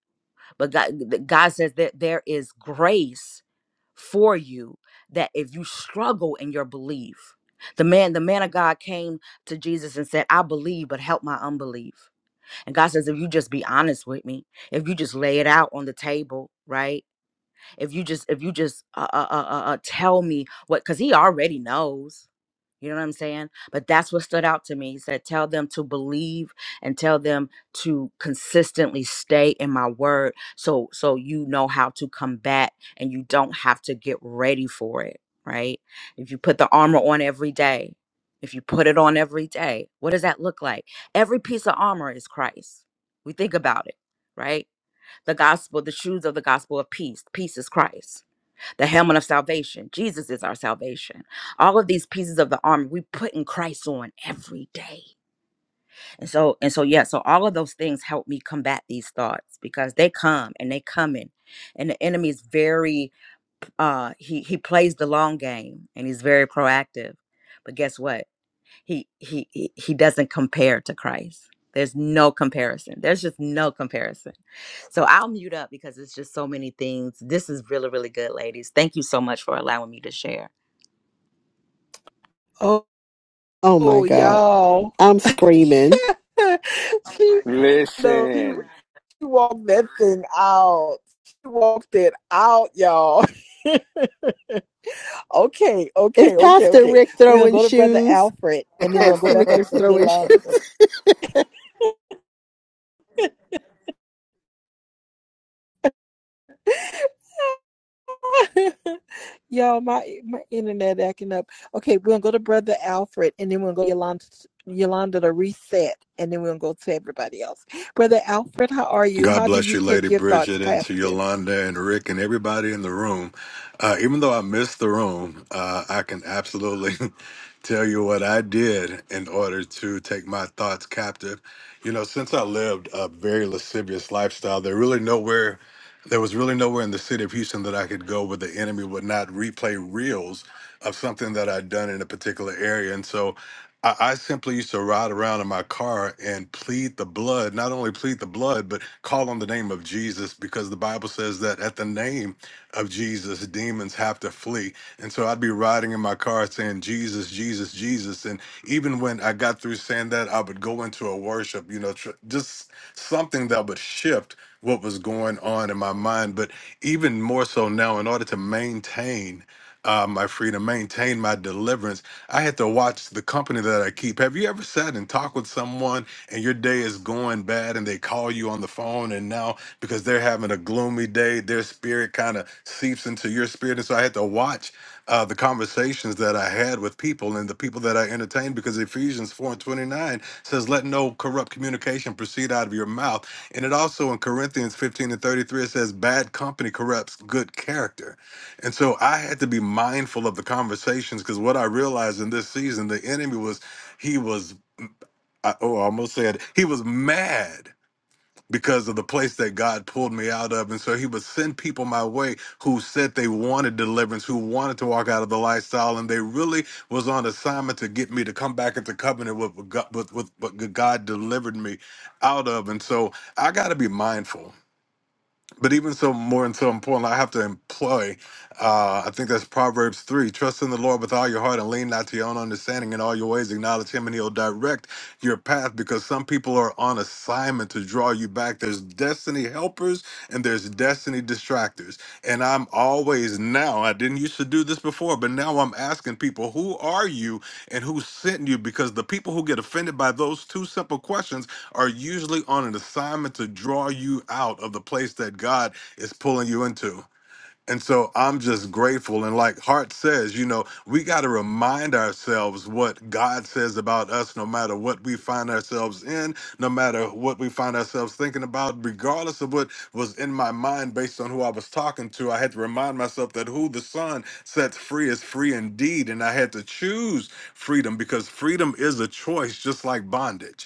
H: but god th- god says that there is grace for you that if you struggle in your belief the man the man of god came to jesus and said i believe but help my unbelief and god says if you just be honest with me if you just lay it out on the table right if you just if you just uh, uh, uh, uh, uh, tell me what because he already knows you know what i'm saying but that's what stood out to me he said tell them to believe and tell them to consistently stay in my word so so you know how to combat and you don't have to get ready for it right if you put the armor on every day if you put it on every day what does that look like every piece of armor is christ we think about it right the gospel, the shoes of the gospel of peace. Peace is Christ, the helmet of salvation. Jesus is our salvation. All of these pieces of the armor we put in Christ on every day. And so, and so, yeah, so all of those things help me combat these thoughts because they come and they coming. And the enemy is very uh he he plays the long game and he's very proactive. But guess what? he he he he doesn't compare to Christ. There's no comparison. There's just no comparison. So I'll mute up because it's just so many things. This is really really good, ladies. Thank you so much for allowing me to share.
A: Oh,
B: Oh my
A: oh,
B: God.
A: y'all.
B: I'm screaming.
A: she, no, she,
G: Listen.
A: she walked that thing out. She walked it out, y'all. Okay,
B: Is
A: okay, okay,
B: Pastor
A: okay.
B: Rick
A: We're gonna
B: throwing
A: go to Brother
B: shoes?
A: Alfred and then we're gonna go
B: Pastor
A: back
B: Rick
A: up
B: is
A: to
B: throwing
A: Yolanda.
B: shit.
A: Y'all, my my internet acting up. Okay, we're gonna go to Brother Alfred, and then we will gonna go to Yolanda Yolanda to reset, and then we will go to everybody else. Brother Alfred, how are you?
I: God
A: How do
I: bless
A: you
I: you,
A: take
I: Lady
A: your thoughts
I: Bridget, and to
A: captive?
I: Yolanda and Rick and everybody in the room. Uh, even though I missed the room, uh, I can absolutely tell you what I did in order to take my thoughts captive. You know, since I lived a very lascivious lifestyle, there really nowhere, there was really nowhere in the city of Houston that I could go where the enemy would not replay reels of something that I'd done in a particular area. And so I, I simply used to ride around in my car and plead the blood, not only plead the blood, but call on the name of Jesus because the Bible says that at the name of Jesus, demons have to flee. And so I'd be riding in my car saying, Jesus, Jesus, Jesus. And even when I got through saying that, I would go into a worship, you know, tr- just something that would shift what was going on in my mind. But even more so now, in order to maintain, uh, my freedom, maintain my deliverance. I had to watch the company that I keep. Have you ever sat and talked with someone and your day is going bad and they call you on the phone and now because they're having a gloomy day, their spirit kind of seeps into your spirit. And so I had to watch uh, the conversations that I had with people and the people that I entertained because Ephesians 4 and 29 says, Let no corrupt communication proceed out of your mouth. And it also in Corinthians 15 and 33, it says, Bad company corrupts good character. And so I had to be mindful of the conversations because what I realized in this season, the enemy was, he was, I, oh, I almost said, he was mad because of the place that God pulled me out of. And so he would send people my way who said they wanted deliverance, who wanted to walk out of the lifestyle. And they really was on assignment to get me to come back into covenant with, what God- with, with what God delivered me out of. And so I got to be mindful but even so, more and so important, I have to employ. Uh, I think that's Proverbs three: Trust in the Lord with all your heart and lean not to your own understanding. In all your ways, acknowledge Him, and He'll direct your path. Because some people are on assignment to draw you back. There's destiny helpers and there's destiny distractors. And I'm always now. I didn't used to do this before, but now I'm asking people, who are you and who sent you? Because the people who get offended by those two simple questions are usually on an assignment to draw you out of the place that God is pulling you into. And so I'm just grateful. And like Hart says, you know, we got to remind ourselves what God says about us, no matter what we find ourselves in, no matter what we find ourselves thinking about, regardless of what was in my mind based on who I was talking to. I had to remind myself that who the Son sets free is free indeed. And I had to choose freedom because freedom is a choice, just like bondage.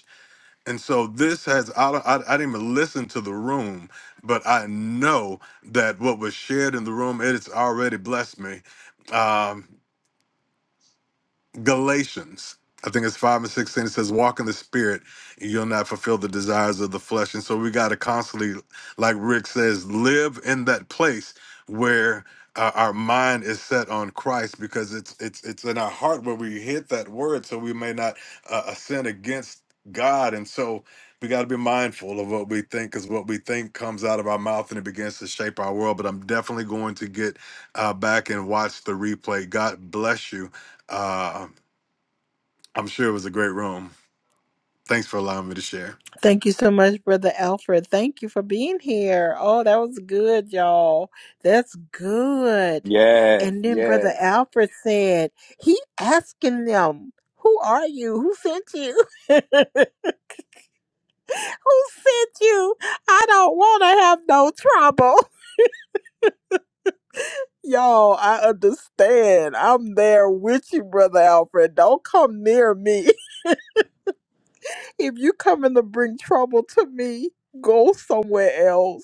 I: And so this has, I, I, I didn't even listen to the room, but I know that what was shared in the room, it has already blessed me. Um, Galatians, I think it's 5 and 16, it says, Walk in the spirit, and you'll not fulfill the desires of the flesh. And so we got to constantly, like Rick says, live in that place where uh, our mind is set on Christ because it's it's it's in our heart where we hit that word so we may not uh, sin against God and so we got to be mindful of what we think because what we think comes out of our mouth and it begins to shape our world but I'm definitely going to get uh, back and watch the replay God bless you Uh, I'm sure it was a great room. Thanks for allowing me to share.
A: Thank you so much, Brother Alfred. Thank you for being here. Oh, that was good, y'all. That's good.
G: Yes,
A: And then Brother
G: yes.
A: Alfred said, he asking them, who are you? Who sent you? who sent you? I don't want to have no trouble. Y'all, I understand. I'm there with you, Brother Alfred. Don't come near me. If you coming to bring trouble to me, go somewhere else.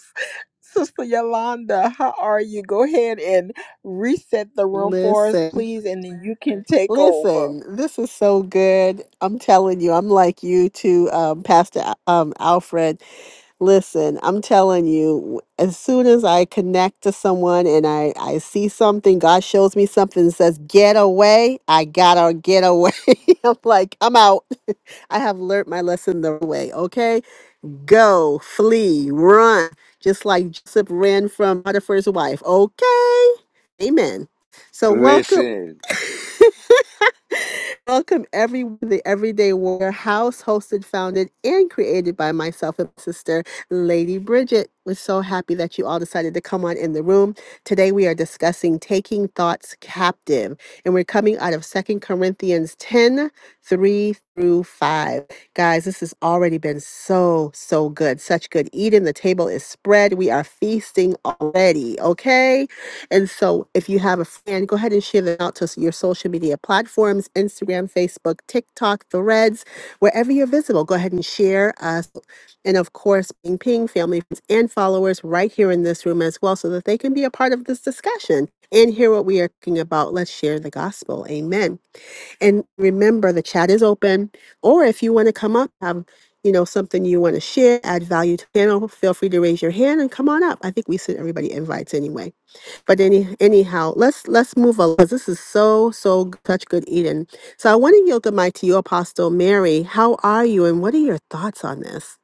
A: Sister Yolanda, how are you? Go ahead and reset the room for us,
B: Listen,
A: please, and then you can take over.
B: listen, this is so good. I'm telling you, I'm like you too, um, Pastor um, Alfred. Listen, I'm telling you, as soon as I connect to someone and I, I see something, God shows me something and says, get away, I gotta get away. I'm like, I'm out. I have learned my lesson the way, okay? go, flee, run, just like Joseph ran from Potiphar's wife. Okay. Amen. So welcome.
G: Listen.
B: Welcome every the Everyday Warrior House, hosted, founded, and created by myself and my sister Lady Bridget. We're so happy that you all decided to come on in the room. Today we are discussing taking thoughts captive, and we're coming out of Second Corinthians 10 3 through 5. Guys, this has already been so, so good. Such good eating. The table is spread. We are feasting already, okay? And so if you have a friend, go ahead and share them out to your social media platforms Instagram, Facebook, TikTok, Threads, wherever you're visible. Go ahead and share us. And of course, ping, ping, family, friends, and followers right here in this room as well so that they can be a part of this discussion and hear what we are talking about. Let's share the gospel. Amen. And remember, the chat is open. Or if you want to come up, have you know something you want to share, add value to the panel, feel free to raise your hand and come on up. I think we sent everybody invites anyway. But any anyhow, let's let's move along because this is so so g- such good eating. So I want to yield the mic to you, Apostle Mary. How are you, and what are your thoughts on this?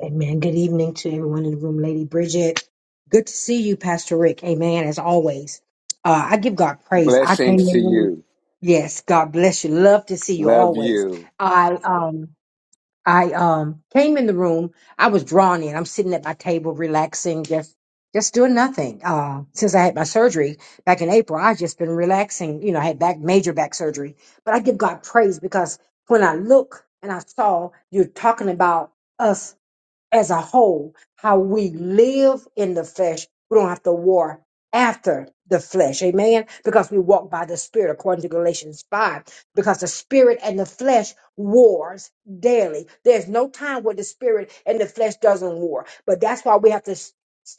J: Amen. Good evening to everyone in the room, Lady Bridget. Good to see you, Pastor Rick. Amen. As always, uh, I give God praise. I
G: Blessings
J: came
G: to
J: in. the room-
G: you.
J: Yes, God bless you. Love to see you
G: Love
J: always.
G: you.
J: I um I um came in the room. I was drawn in. I'm sitting at my table, relaxing, just just doing nothing. Uh, since I had my surgery back in April, I've just been relaxing. You know, I had back major back surgery, but I give God praise because when I look and I saw you're talking about us as a whole, how we live in the flesh. We don't have to war after the flesh. Amen. Because we walk by the spirit according to Galatians 5. Because the spirit and the flesh wars daily. There's no time where the spirit and the flesh doesn't war. But that's why we have to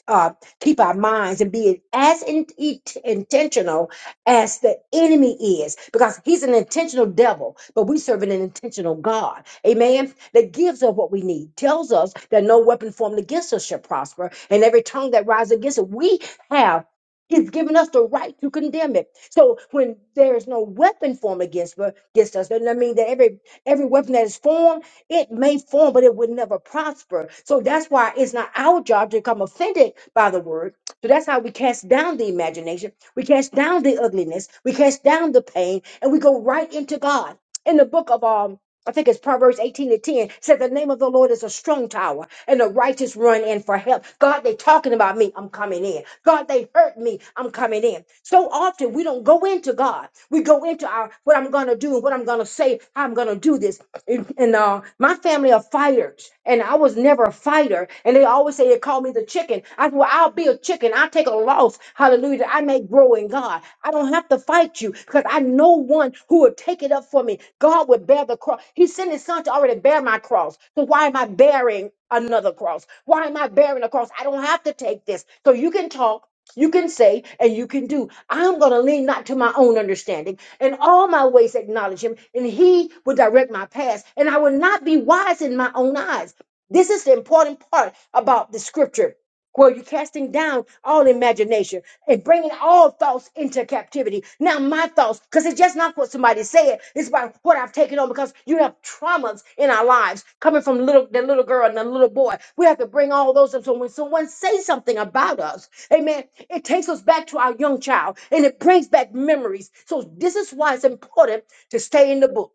J: uh, keep our minds and be as in, it, intentional as the enemy is because he's an intentional devil, but we serve an intentional God. Amen. That gives us what we need, tells us that no weapon formed against us shall prosper, and every tongue that rises against it, we have. He's given us the right to condemn it. So when there is no weapon formed against us, against us, doesn't that mean that every every weapon that is formed, it may form, but it would never prosper. So that's why it's not our job to become offended by the word. So that's how we cast down the imagination, we cast down the ugliness, we cast down the pain, and we go right into God. In the book of um I think it's Proverbs 18 and 10 said the name of the Lord is a strong tower and the righteous run in for help. God, they talking about me. I'm coming in. God, they hurt me. I'm coming in. So often we don't go into God. We go into our, what I'm going to do and what I'm going to say, how I'm going to do this and uh, my family are fighters, and I was never a fighter. And they always say they call me the chicken. I said, well, I'll be a chicken. I take a loss. Hallelujah. that I may grow in God. I don't have to fight you because I know one who will take it up for me. God will bear the cross. He sent his son to already bear my cross. So why am I bearing another cross? Why am I bearing a cross? I don't have to take this. So you can talk. You can say and you can do. I'm going to lean not to my own understanding and all my ways acknowledge him, and he will direct my paths, and I will not be wise in my own eyes. This is the important part about the scripture well, you're casting down all imagination and bringing all thoughts into captivity. Now, my thoughts, because it's just not what somebody said. It's about what I've taken on because you have traumas in our lives coming from little the little girl and the little boy. We have to bring all those up. So when someone says something about us, amen, it takes us back to our young child and it brings back memories. So this is why it's important to stay in the book.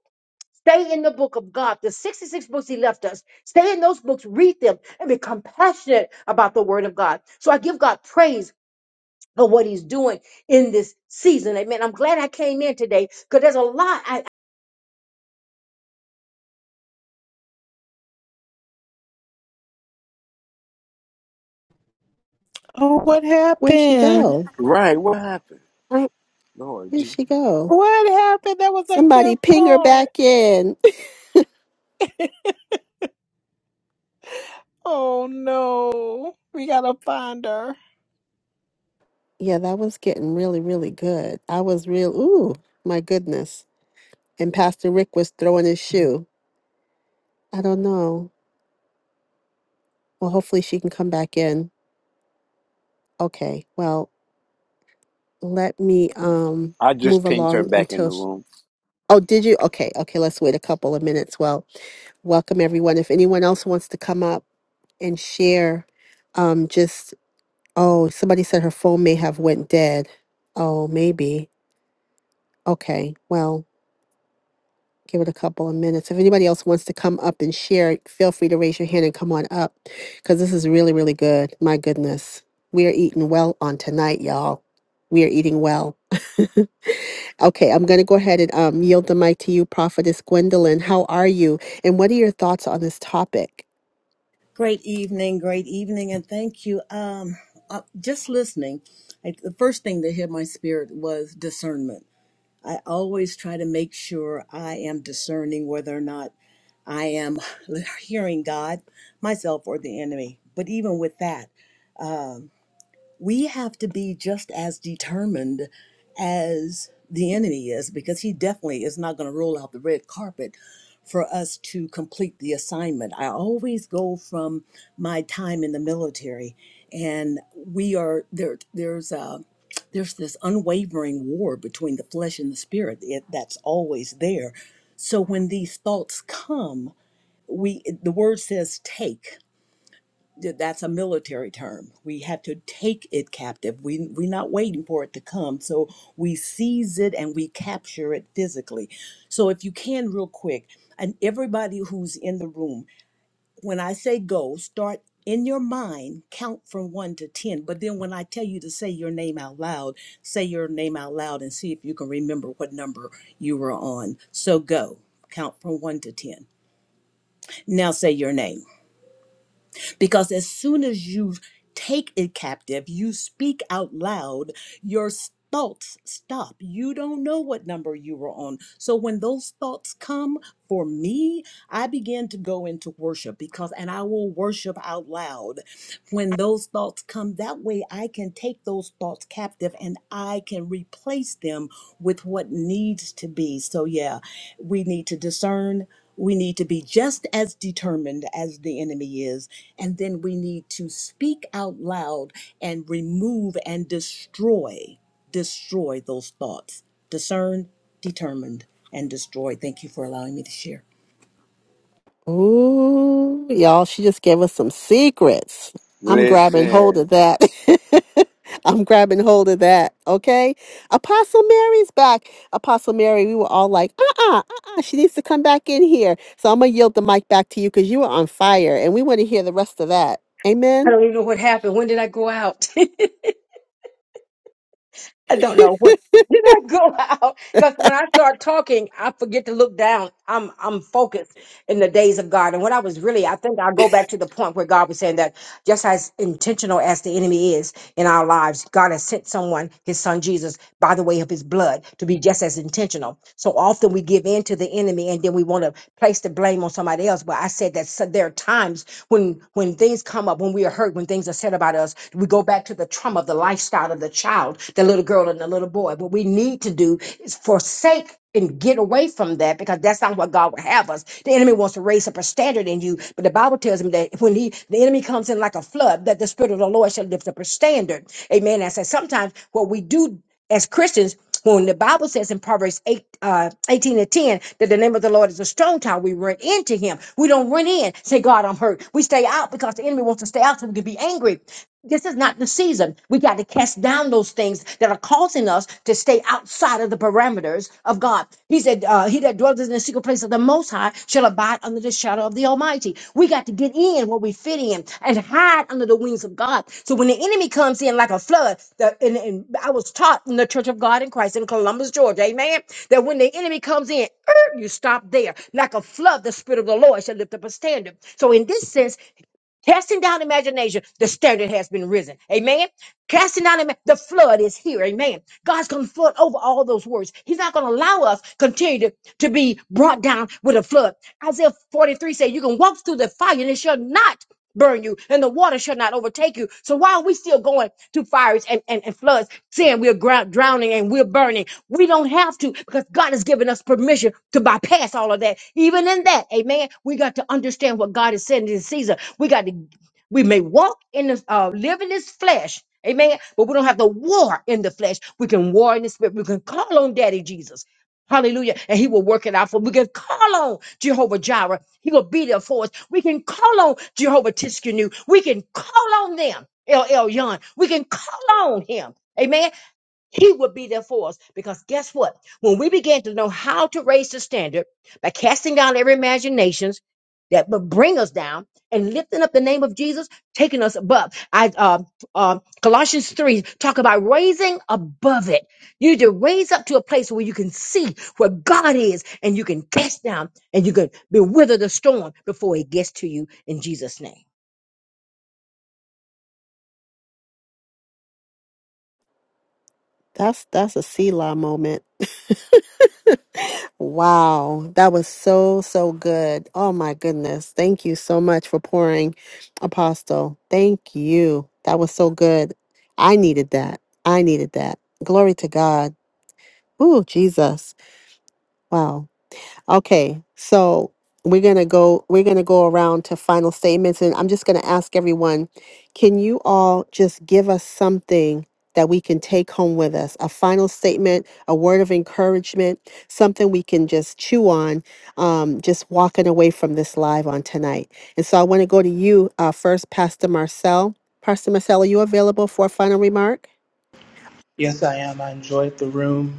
J: Stay in the book of God, the 66 books he left us. Stay in those books, read them, and be compassionate about the word of God. So I give God praise for what he's doing in this season. Amen. I'm glad I came in today because there's a lot. I,
A: Oh, what
B: Where'd she
A: happened?
B: go?
G: Right, what happened?
B: Where-
G: Lord,
B: Where'd
G: gee.
B: she go?
A: What happened? That was a good
B: Somebody ping her
A: part.
B: back in.
A: Oh no. We gotta find her.
B: yeah, that was getting really really good. I was real. Ooh, my goodness. and Pastor Rick was throwing his shoe. I don't know. Well, hopefully she can come back in. Okay. Well, let me um
G: I just
B: move
G: pinged her
B: along
G: back in
B: until
G: the
B: sh-
G: room.
B: Oh, did you? Okay. Okay, let's wait a couple of minutes. Well, welcome everyone. If anyone else wants to come up and share um just oh, somebody said her phone may have went dead. Oh, maybe. Okay. Well, Give it a couple of minutes. If anybody else wants to come up and share, feel free to raise your hand and come on up because this is really, really good. My goodness. We are eating well on tonight, y'all. We are eating well. Okay, I'm going to go ahead and um, yield the mic to you, Prophetess Gwendolyn. How are you? And what are your thoughts on this topic?
K: Great evening, great evening, and thank you. Um, uh, just listening, I, the first thing that hit my spirit was discernment. I always try to make sure I am discerning whether or not I am hearing God, myself, or the enemy. But even with that, we have to be just as determined as the enemy is because he definitely is not going to roll out the red carpet for us to complete the assignment. I always go from my time in the military and we are there there's a there's this unwavering war between the flesh and the spirit it, that's always there. So when these thoughts come, we the word says take th- that's a military term. We have to take it captive. We we're not waiting for it to come. So we seize it and we capture it physically. So if you can real quick, and everybody who's in the room, when I say go, start in your mind, count from one to ten. But then when I tell you to say your name out loud, say your name out loud and see if you can remember what number you were on. So go. Count from one to ten. Now say your name. Because as soon as you take it captive, you speak out loud, your s- thoughts stop. You don't know what number you were on. So when those thoughts come for me, I begin to go into worship because, and I will worship out loud when those thoughts come. That way I can take those thoughts captive and I can replace them with what needs to be. So, yeah, we need to discern. We need to be just as determined as the enemy is. And then we need to speak out loud and remove and destroy, destroy those thoughts. Discern, determined, and destroy. Thank you for allowing me to share.
B: Ooh, y'all, she just gave us some secrets. I'm grabbing hold of
G: Listen.
B: that. I'm grabbing hold of that. Okay. Apostle Mary's back. Apostle Mary, we were all like, uh uh-uh, uh, She needs to come back in here. So I'm going to yield the mic back to you because you were on fire and we want to hear the rest of that.
J: I
B: Amen.
J: don't even know what happened. When did I go out? I don't know what. Did I go out? Because when I start talking, I forget to look down. I'm I'm focused in the days of God. And what I was really, I think i go back to the point where God was saying that Just as intentional as the enemy is in our lives, God has sent someone, his son Jesus, by the way of his blood, to be just as intentional. So often we give in to the enemy and then we want to place the blame on somebody else. But I said that so- there are times when when things come up, when we are hurt, when things are said about us, we go back to the trauma of the lifestyle of the child, the little girl and the little boy. What we need to do is forsake and get away from that because that's not what God would have us. The enemy wants to raise up a standard in you, but the Bible tells him that when he the enemy comes in like a flood, that the spirit of the Lord shall lift up a standard. Amen. I said sometimes what we do as Christians, when the Bible says in Proverbs 8, uh, 18 and 10 that the name of the Lord is a strong tower, we run into him. We don't run in, say, God, I'm hurt. We stay out because the enemy wants to stay out so we can be angry. This is not the season. We got to cast down those things that are causing us to stay outside of the parameters of God. He said, uh, He that dwells in the secret place of the Most High shall abide under the shadow of the Almighty. We got to get in where we fit in and hide under the wings of God. So when the enemy comes in like a flood, the, and, and I was taught in the Church of God in Christ in Columbus, Georgia, amen, that when the enemy comes in, er, you stop there. Like a flood, the Spirit of the Lord shall lift up a standard. So in this sense, Casting down imagination, the standard has been risen. Amen. Casting down ima- the flood is here. Amen. God's going to flood over all those words. He's not going to allow us continue to, to be brought down with a flood. Isaiah 43 says, You can walk through the fire and it shall not burn you, and the water shall not overtake you. So why are we still going through fires and, and, and floods, saying we're ground, drowning and we're burning. We don't have to because God has given us permission to bypass all of that. Even in that, amen, we got to understand what God is saying in this season. We got to, we may walk in this, uh, live in this flesh. Amen. But we don't have to war in the flesh. We can war in the spirit. We can call on Daddy Jesus. Hallelujah. And he will work it out for us. We can call on Jehovah Jireh. He will be there for us. We can call on Jehovah Tiskenu. We can call on them, El Yon. We can call on him. Amen. He will be there for us because guess what? When we begin to know how to raise the standard by casting down every imaginations that would bring us down and lifting up the name of Jesus, taking us above. I uh, uh, Colossians three talk about raising above it. You need to raise up to a place where you can see where God is, and you can cast down, and you can bewither the storm before it gets to you. In Jesus' name.
B: That's that's a Selah moment. Wow, that was so, so good. Oh my goodness. Thank you so much for pouring, Apostle. Thank you. That was so good. I needed that. I needed that. Glory to God. Ooh, Jesus. Wow. Okay, so we're gonna go we're gonna go around to final statements and I'm just gonna ask everyone, can you all just give us something that we can take home with us? A final statement, a word of encouragement, something we can just chew on, um, just walking away from this live on tonight. And so I want to go to you uh, first, Pastor Marcel. Pastor Marcel, are you available for a final remark?
D: Yes, I am. I enjoyed the room.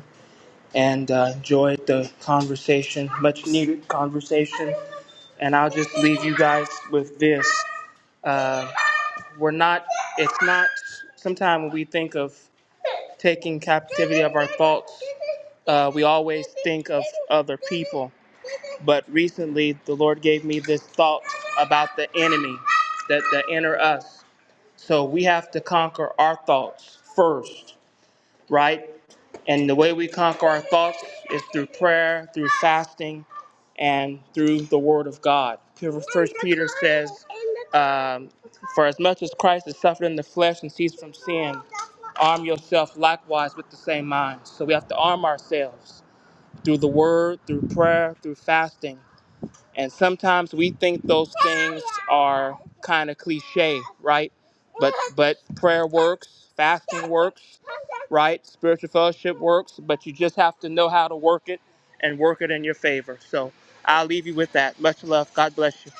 D: and uh, enjoyed the conversation, much needed conversation. And I'll just leave you guys with this. Uh, we're not, it's not, sometimes when we think of taking captivity of our thoughts, uh, we always think of other people. But recently, the Lord gave me this thought about the enemy, that the inner us. So we have to conquer our thoughts first, right? And the way we conquer our thoughts is through prayer, through fasting, and through the Word of God. First Peter says, um, "For as much as Christ has suffered in the flesh and ceased from sin, arm yourself likewise with the same mind." So we have to arm ourselves through the Word, through prayer, through fasting, and sometimes we think those things are kind of cliche, right? But but prayer works, fasting works, right? Spiritual fellowship works, but you just have to know how to work it and work it in your favor. So I'll leave you with that. Much love. God bless you.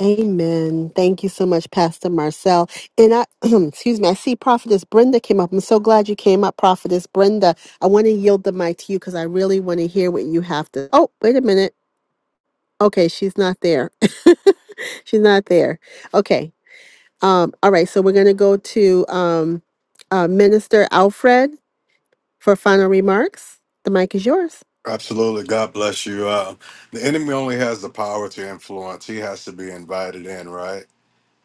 B: Amen. Thank you so much, Pastor Marcel. And I, excuse me, I see Prophetess Brenda came up. I'm so glad you came up, Prophetess Brenda. I want to yield the mic to you because I really want to hear what you have to. Oh, wait a minute. Okay, she's not there. she's not there. Okay. Um, all right. So we're going to go to um, uh, Minister Alfred for final remarks. The mic is yours.
I: Absolutely. God bless you. Uh, the enemy only has the power to influence. He has to be invited in, right?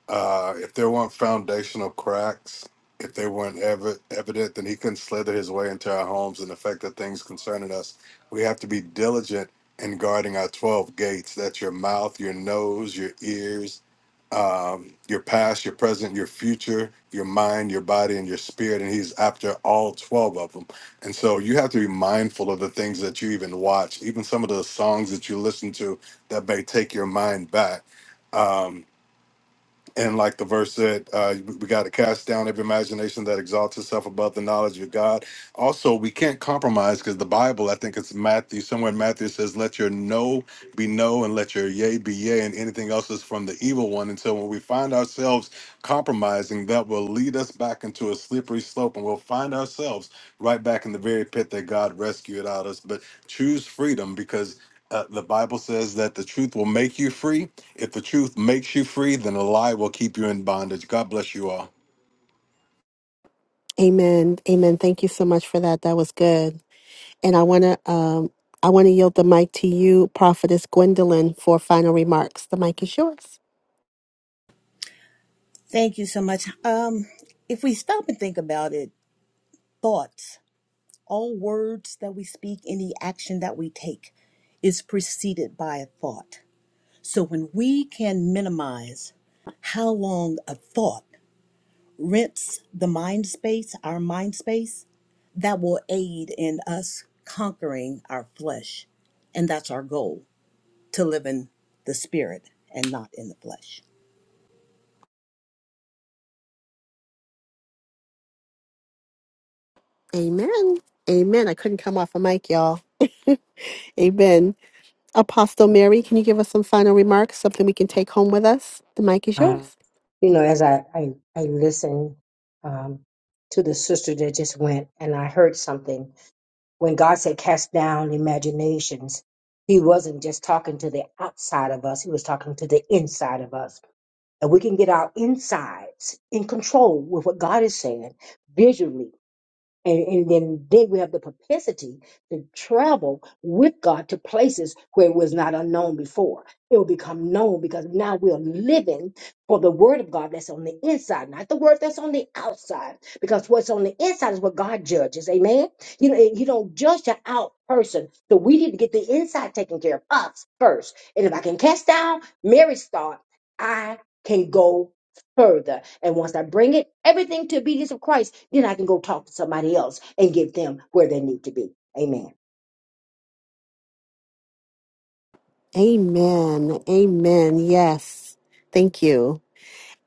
I: Uh, if there weren't foundational cracks, if they weren't ever evident, then he couldn't slither his way into our homes and affect the things concerning us. We have to be diligent in guarding our 12 gates. That's your mouth, your nose, your ears, um, your past, your present, your future, your mind, your body, and your spirit. And he's after all 12 of them. And so you have to be mindful of the things that you even watch, even some of the songs that you listen to that may take your mind back. Um, and like the verse said, uh, we got to cast down every imagination that exalts itself above the knowledge of God. Also, we can't compromise because the Bible, I think it's Matthew, somewhere in Matthew it says, let your no be no and let your yea be yea and anything else is from the evil one. And so when we find ourselves compromising, that will lead us back into a slippery slope and we'll find ourselves right back in the very pit that God rescued out of us. But choose freedom because uh, the Bible says that the truth will make you free if the truth makes you free, then a lie will keep you in bondage. God bless you all.
B: Amen. Amen. Thank you so much for that. That was good. And I want to um, I want to yield the mic to you, Prophetess Gwendolyn, for final remarks. The mic is yours.
K: Thank you so much. Um, if we stop and think about it, thoughts, all words that we speak, any action that we take is preceded by a thought. So when we can minimize how long a thought rents the mind space, our mind space, that will aid in us conquering our flesh. And that's our goal to live in the spirit and not in the flesh.
B: Amen. Amen. I couldn't come off a mic, y'all. Amen. Apostle Mary, can you give us some final remarks, something we can take home with us? The mic is
J: Um,
B: yours.
J: you know, as I I, I listened um, to the sister that just went, and I heard something when God said, "Cast down imaginations." He wasn't just talking to the outside of us; he was talking to the inside of us. And we can get our insides in control with what God is saying visually and, and then, then we have the propensity to travel with God to places where it was not unknown before. It will become known because now we're living for the word of God that's on the inside, not the word that's on the outside. Because what's on the inside is what God judges. Amen. You know, you don't judge the out person. So we need to get the inside taken care of us first. And if I can cast down Mary's thought, I can go further. And once I bring it, everything to obedience of Christ, then I can go talk to somebody else and get them where they need to be. Amen.
B: Amen. Amen. Yes. Thank you.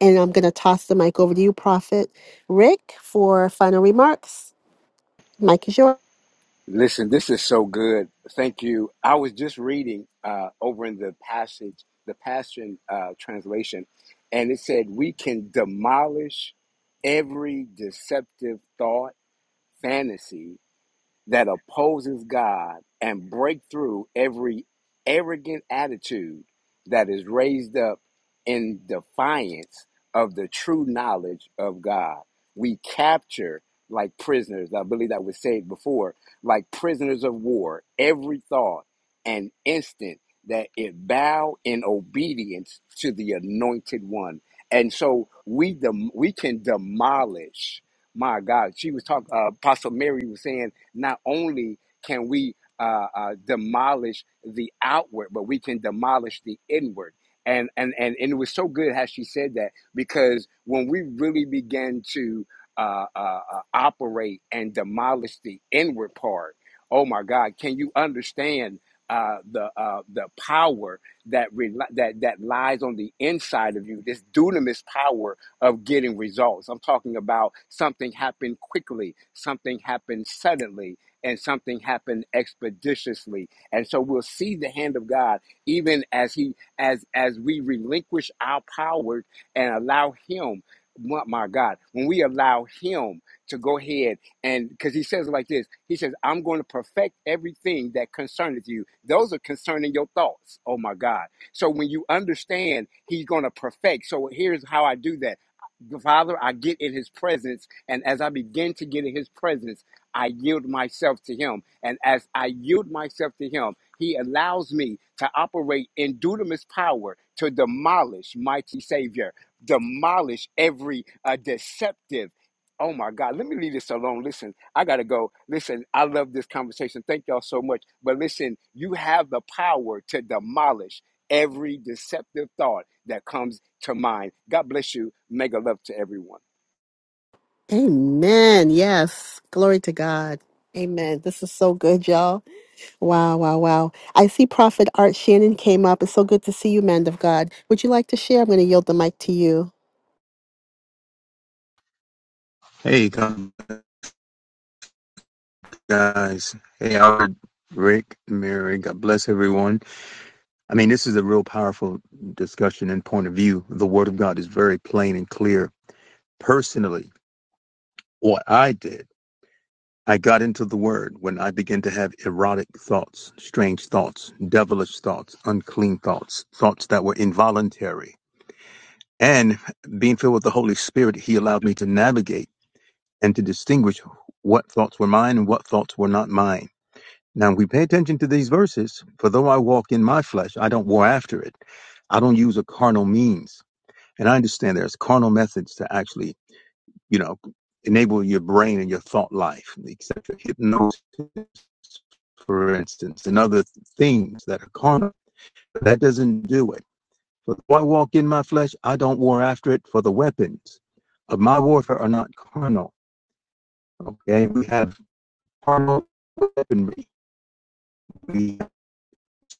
B: And I'm going to toss the mic over to you, Prophet Rick, for final remarks. Mic is yours.
G: Listen, this is so good. Thank you. I was just reading uh, over in the passage, the Passion uh, translation, and it said, We can demolish every deceptive thought, fantasy, that opposes God and break through every arrogant attitude that is raised up in defiance of the true knowledge of God. We capture like prisoners, I believe that was said before, like prisoners of war, every thought and instant that it bow in obedience to the anointed one. And so we dem- we can demolish. My God, she was talking. Uh, Apostle Mary was saying not only can we uh, uh, demolish the outward, but we can demolish the inward. And, and, and, and it was so good how she said that because when we really began to uh, uh, uh, operate and demolish the inward part, oh my God, can you understand uh, the uh, the power that rel that that lies on the inside of you? This dunamis power of getting results. I'm talking about something happened quickly, something happened suddenly, and something happened expeditiously. And so we'll see the hand of God even as he as as we relinquish our power and allow him my my God, when we allow him to go ahead and because he says it like this, he says, I'm going to perfect everything that concerneth you. Those are concerning your thoughts. Oh my God. So when you understand he's going to perfect. So here's how I do that. Father, I get in his presence. And as I begin to get in his presence, I yield myself to him. And as I yield myself to him, he allows me to operate in dunamis power to demolish, mighty Savior, demolish every uh, deceptive. Oh my God, let me leave this alone. Listen, I got to go. Listen, I love this conversation. Thank y'all so much. But listen, you have the power to demolish every deceptive thought that comes to mind. God bless you. Mega love to everyone.
B: Amen. Yes. Glory to God. Amen. This is so good, y'all. Wow, wow, wow. I see Prophet Art Shannon came up. It's so good to see you, man of God. Would you like to share? I'm going to yield the mic to you.
L: Hey, come- guys. Hey, Albert, Rick, Mary. God bless everyone. I mean, this is a real powerful discussion and point of view. The Word of God is very plain and clear. Personally, what I did, I got into the Word when I began to have erotic thoughts, strange thoughts, devilish thoughts, unclean thoughts, thoughts that were involuntary. And being filled with the Holy Spirit, He allowed me to navigate and to distinguish what thoughts were mine and what thoughts were not mine. Now we pay attention to these verses, for though I walk in my flesh, I don't war after it. I don't use a carnal means. And I understand there's carnal methods to actually, you know, enable your brain and your thought life, except for hypnosis, for instance, and other things that are carnal. That doesn't do it. For though I walk in my flesh, I don't war after it, for the weapons of my warfare are not carnal. Okay, we have carnal weaponry. We have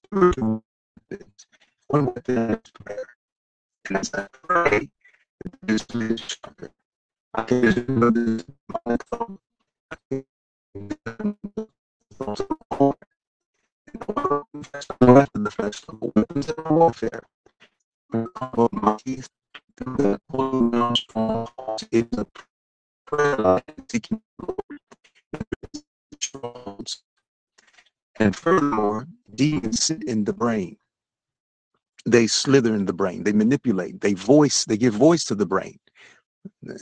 L: spiritual weapons. one with the next prayer. And as I pray, this is stronger. I can just remember this moment from the festival weapons of warfare. The combo of my teeth, the holding down strongholds is a prayer line to keep strongholds. And furthermore, demons sit in the brain. They slither in the brain. They manipulate. They voice. They give voice to the brain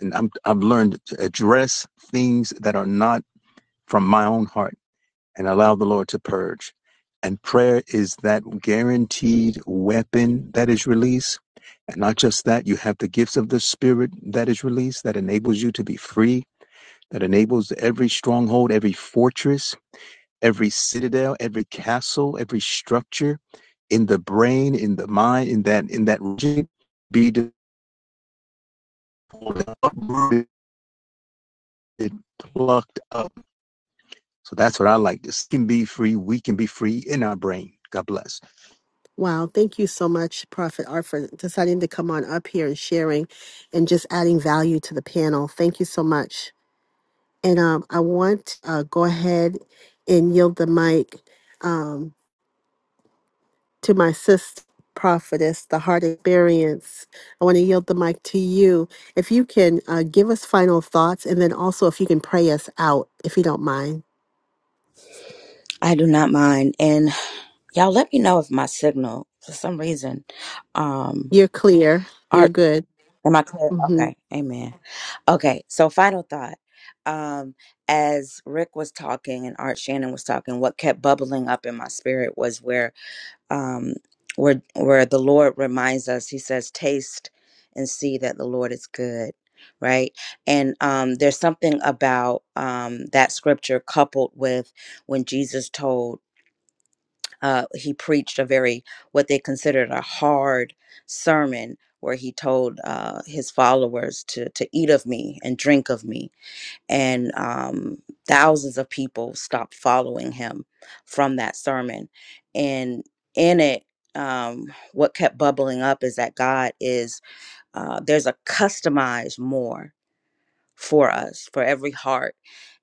L: and I'm, I've learned to address things that are not from my own heart and allow the Lord to purge. And prayer is that guaranteed weapon that is released. And not just that, you have the gifts of the Spirit that is released, that enables you to be free, that enables every stronghold, every fortress, every citadel, every castle, every structure in the brain, in the mind, in that in that region, be uprooted, plucked up So that's what I like. This can be free. We can be free in our brain. God bless.
B: Wow. Thank you so much, Prophet Art, for deciding to come on up here and sharing and just adding value to the panel. Thank you so much. And um, I want to uh, go ahead and yield the mic. Um, to my sister prophetess the heart experience i want to yield the mic to you if you can uh, give us final thoughts and then also if you can pray us out if you don't mind
H: I do not mind. And y'all let me know if my signal for some reason um
B: you're clear you're good
H: Am I clear?
B: hmm
H: Okay. Amen. Okay. So, final thought. Um, as Rick was talking and Art Shannon was talking, what kept bubbling up in my spirit was where, um, where, where the Lord reminds us. He says, "Taste and see that the Lord is good." Right. And um, there's something about um, that scripture coupled with when Jesus told uh, he preached a very what they considered a hard sermon where he told uh, his followers to to eat of me and drink of me and um, thousands of people stopped following him from that sermon and in it um, what kept bubbling up is that god is uh, there's a customized more for us for every heart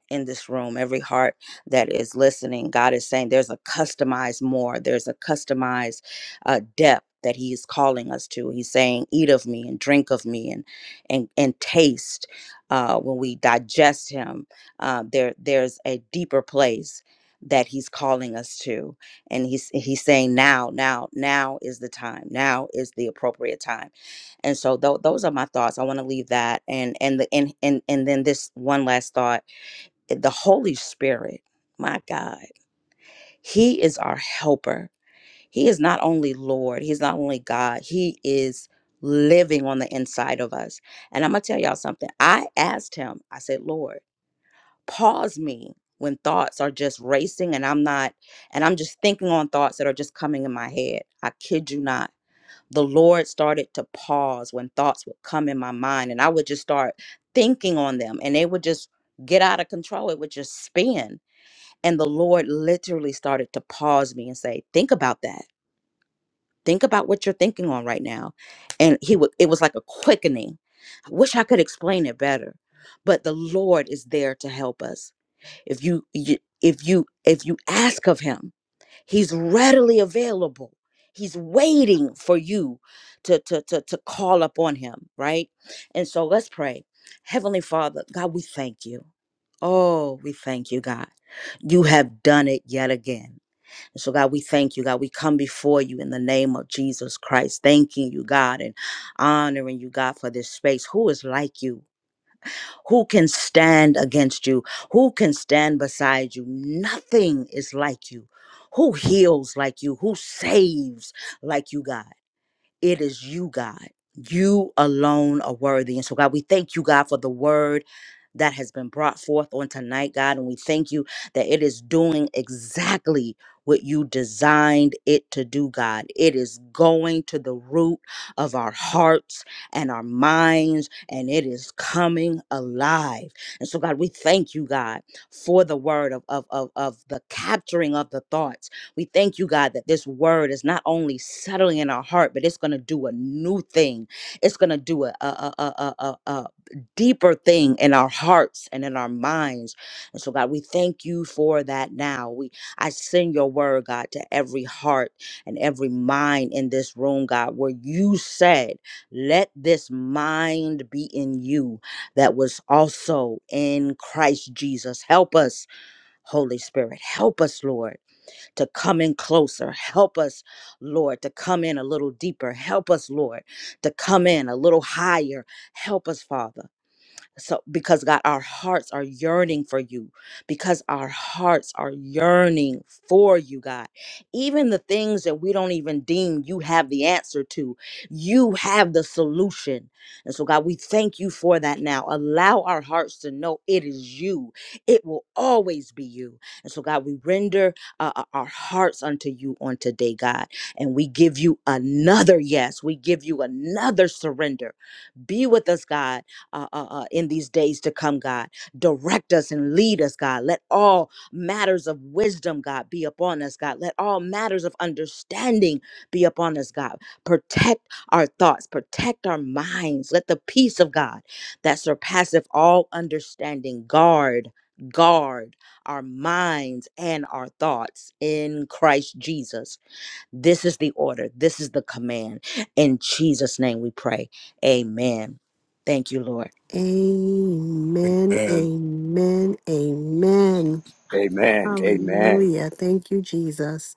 H: in this room, every heart that is listening, God is saying there's a customized more, there's a customized uh, depth that He is calling us to. He's saying, "Eat of me and drink of me, and and and taste." Uh, when we digest Him, uh, there there's a deeper place that He's calling us to, and He's He's saying, "Now, now, now is the time. Now is the appropriate time." And so, tho- those are my thoughts. I want to leave that, and and the and and and then this one last thought the Holy Spirit, my God, He is our helper. He is not only Lord, He's not only God, He is living on the inside of us. And I'm going to tell y'all something. I asked Him, I said, Lord, pause me when thoughts are just racing and I'm not, and I'm just thinking on thoughts that are just coming in my head. I kid you not. The Lord started to pause when thoughts would come in my mind and I would just start thinking on them and they would just get out of control. It would just spin and the Lord literally started to pause me and say, Think about that. Think about what you're thinking on right now. And he would it was like a quickening. I wish I could explain it better. But the Lord is there to help us. If you, you if you if you ask of him He's readily available. He's waiting for you to, to, to, to call upon him, right? And so let's pray. Heavenly Father, God, we thank you. Oh, we thank you, God. You have done it yet again. And so, God, we thank you, God. We come before you in the name of Jesus Christ, thanking you, God, and honoring you, God, for this space. Who is like you? Who can stand against you? Who can stand beside you? Nothing is like you. Who heals like you? Who saves like you, God? It is you, God. You alone are worthy. And so, God, we thank you, God, for the word that has been brought forth on tonight, God. And we thank you that it is doing exactly what you designed it to do, God. It is going to the root of our hearts and our minds, and it is coming alive. And so, God, we thank you, God, for the word of, of, of, of the capturing of the thoughts we thank you, God, that this word is not only settling in our heart, but it's going to do a new thing. It's going to do a, a, a, a, a, a a deeper thing in our hearts and in our minds. And so, God, we thank you for that now. We I send your word, God, to every heart and every mind in this room, God, where you said, let this mind be in you that was also in Christ Jesus. Help us, Holy Spirit. Help us, Lord to come in closer. Help us, Lord, to come in a little deeper. Help us, Lord, to come in a little higher. Help us, Father. So, because God, our hearts are yearning for you, because our hearts are yearning for you, God. Even the things that we don't even deem you have the answer to, you have the solution. And so, God, we thank you for that now. Allow our hearts to know it is you, it will always be you. And so, God, we render uh, uh, our hearts unto you on today, God, and we give you another yes, we give you another surrender. Be with us, God uh, uh, uh, in these days to come, God. Direct us and lead us, God. Let all matters of wisdom, God, be upon us, God. Let all matters of understanding be upon us, God. Protect our thoughts, protect our minds. Let the peace of God that surpasseth all understanding guard. Guard our minds and our thoughts in Christ Jesus. This is the order. This is the command. In Jesus' name we pray. Amen. Thank you, Lord.
B: amen
I: And
B: amen amen
G: Amen. Amen.
B: hallelujah thank you jesus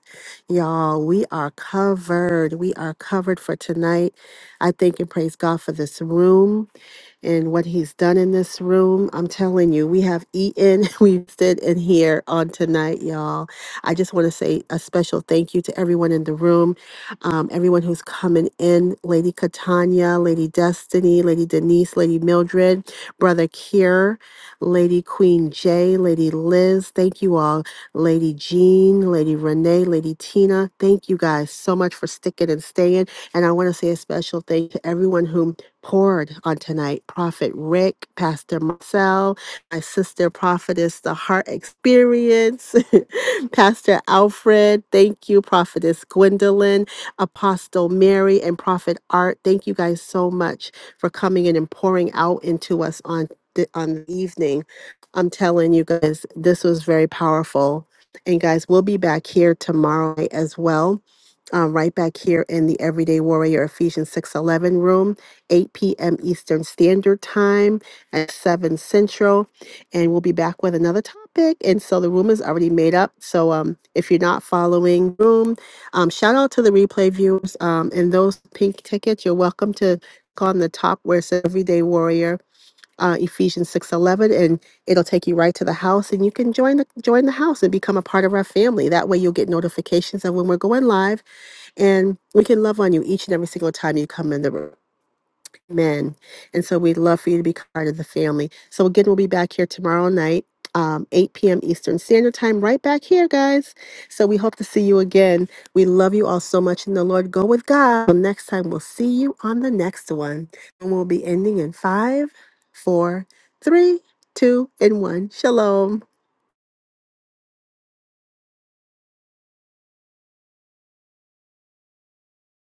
B: y'all we are covered we are covered for tonight i thank and praise god for this room and what he's done in this room. I'm telling you, we have eaten, we have stood in here on tonight, y'all. I just want to say a special thank you to everyone in the room, um, everyone who's coming in Lady Catania, Lady Destiny, Lady Denise, Lady Mildred, Brother Kier, Lady Queen J, Lady Liz. Thank you all. Lady Jean, Lady Renee, Lady Tina. Thank you guys so much for sticking and staying. And I want to say a special thank to everyone who poured on tonight. Prophet Rick, Pastor Marcel, my sister prophetess, the heart experience, Pastor Alfred, thank you, prophetess Gwendolyn, Apostle Mary, and Prophet Art. Thank you guys so much for coming in and pouring out into us on the, on the evening. I'm telling you guys, this was very powerful. And guys, we'll be back here tomorrow night as well um, right back here in the Everyday Warrior Ephesians 6:11 room. 8 p.m. Eastern Standard Time at 7 Central. And we'll be back with another topic. And so the room is already made up. So um, if you're not following room, um, shout out to the replay viewers um, and those pink tickets. You're welcome to click on the top where it says Everyday Warrior. Uh, Ephesians 6:11 and it'll take you right to the house and you can join the join the house and become a part of our family. That way you'll get notifications of when we're going live and we can love on you each and every single time you come in the room. Amen. And so we'd love for you to be part of the family. So again, we'll be back here tomorrow night, um, 8 p.m. Eastern Standard Time, right back here, guys. So we hope to see you again. We love you all so much in the Lord. Go with God. Till next time, we'll see you on the next one. And we'll be ending in five, four, three, two, and one. Shalom.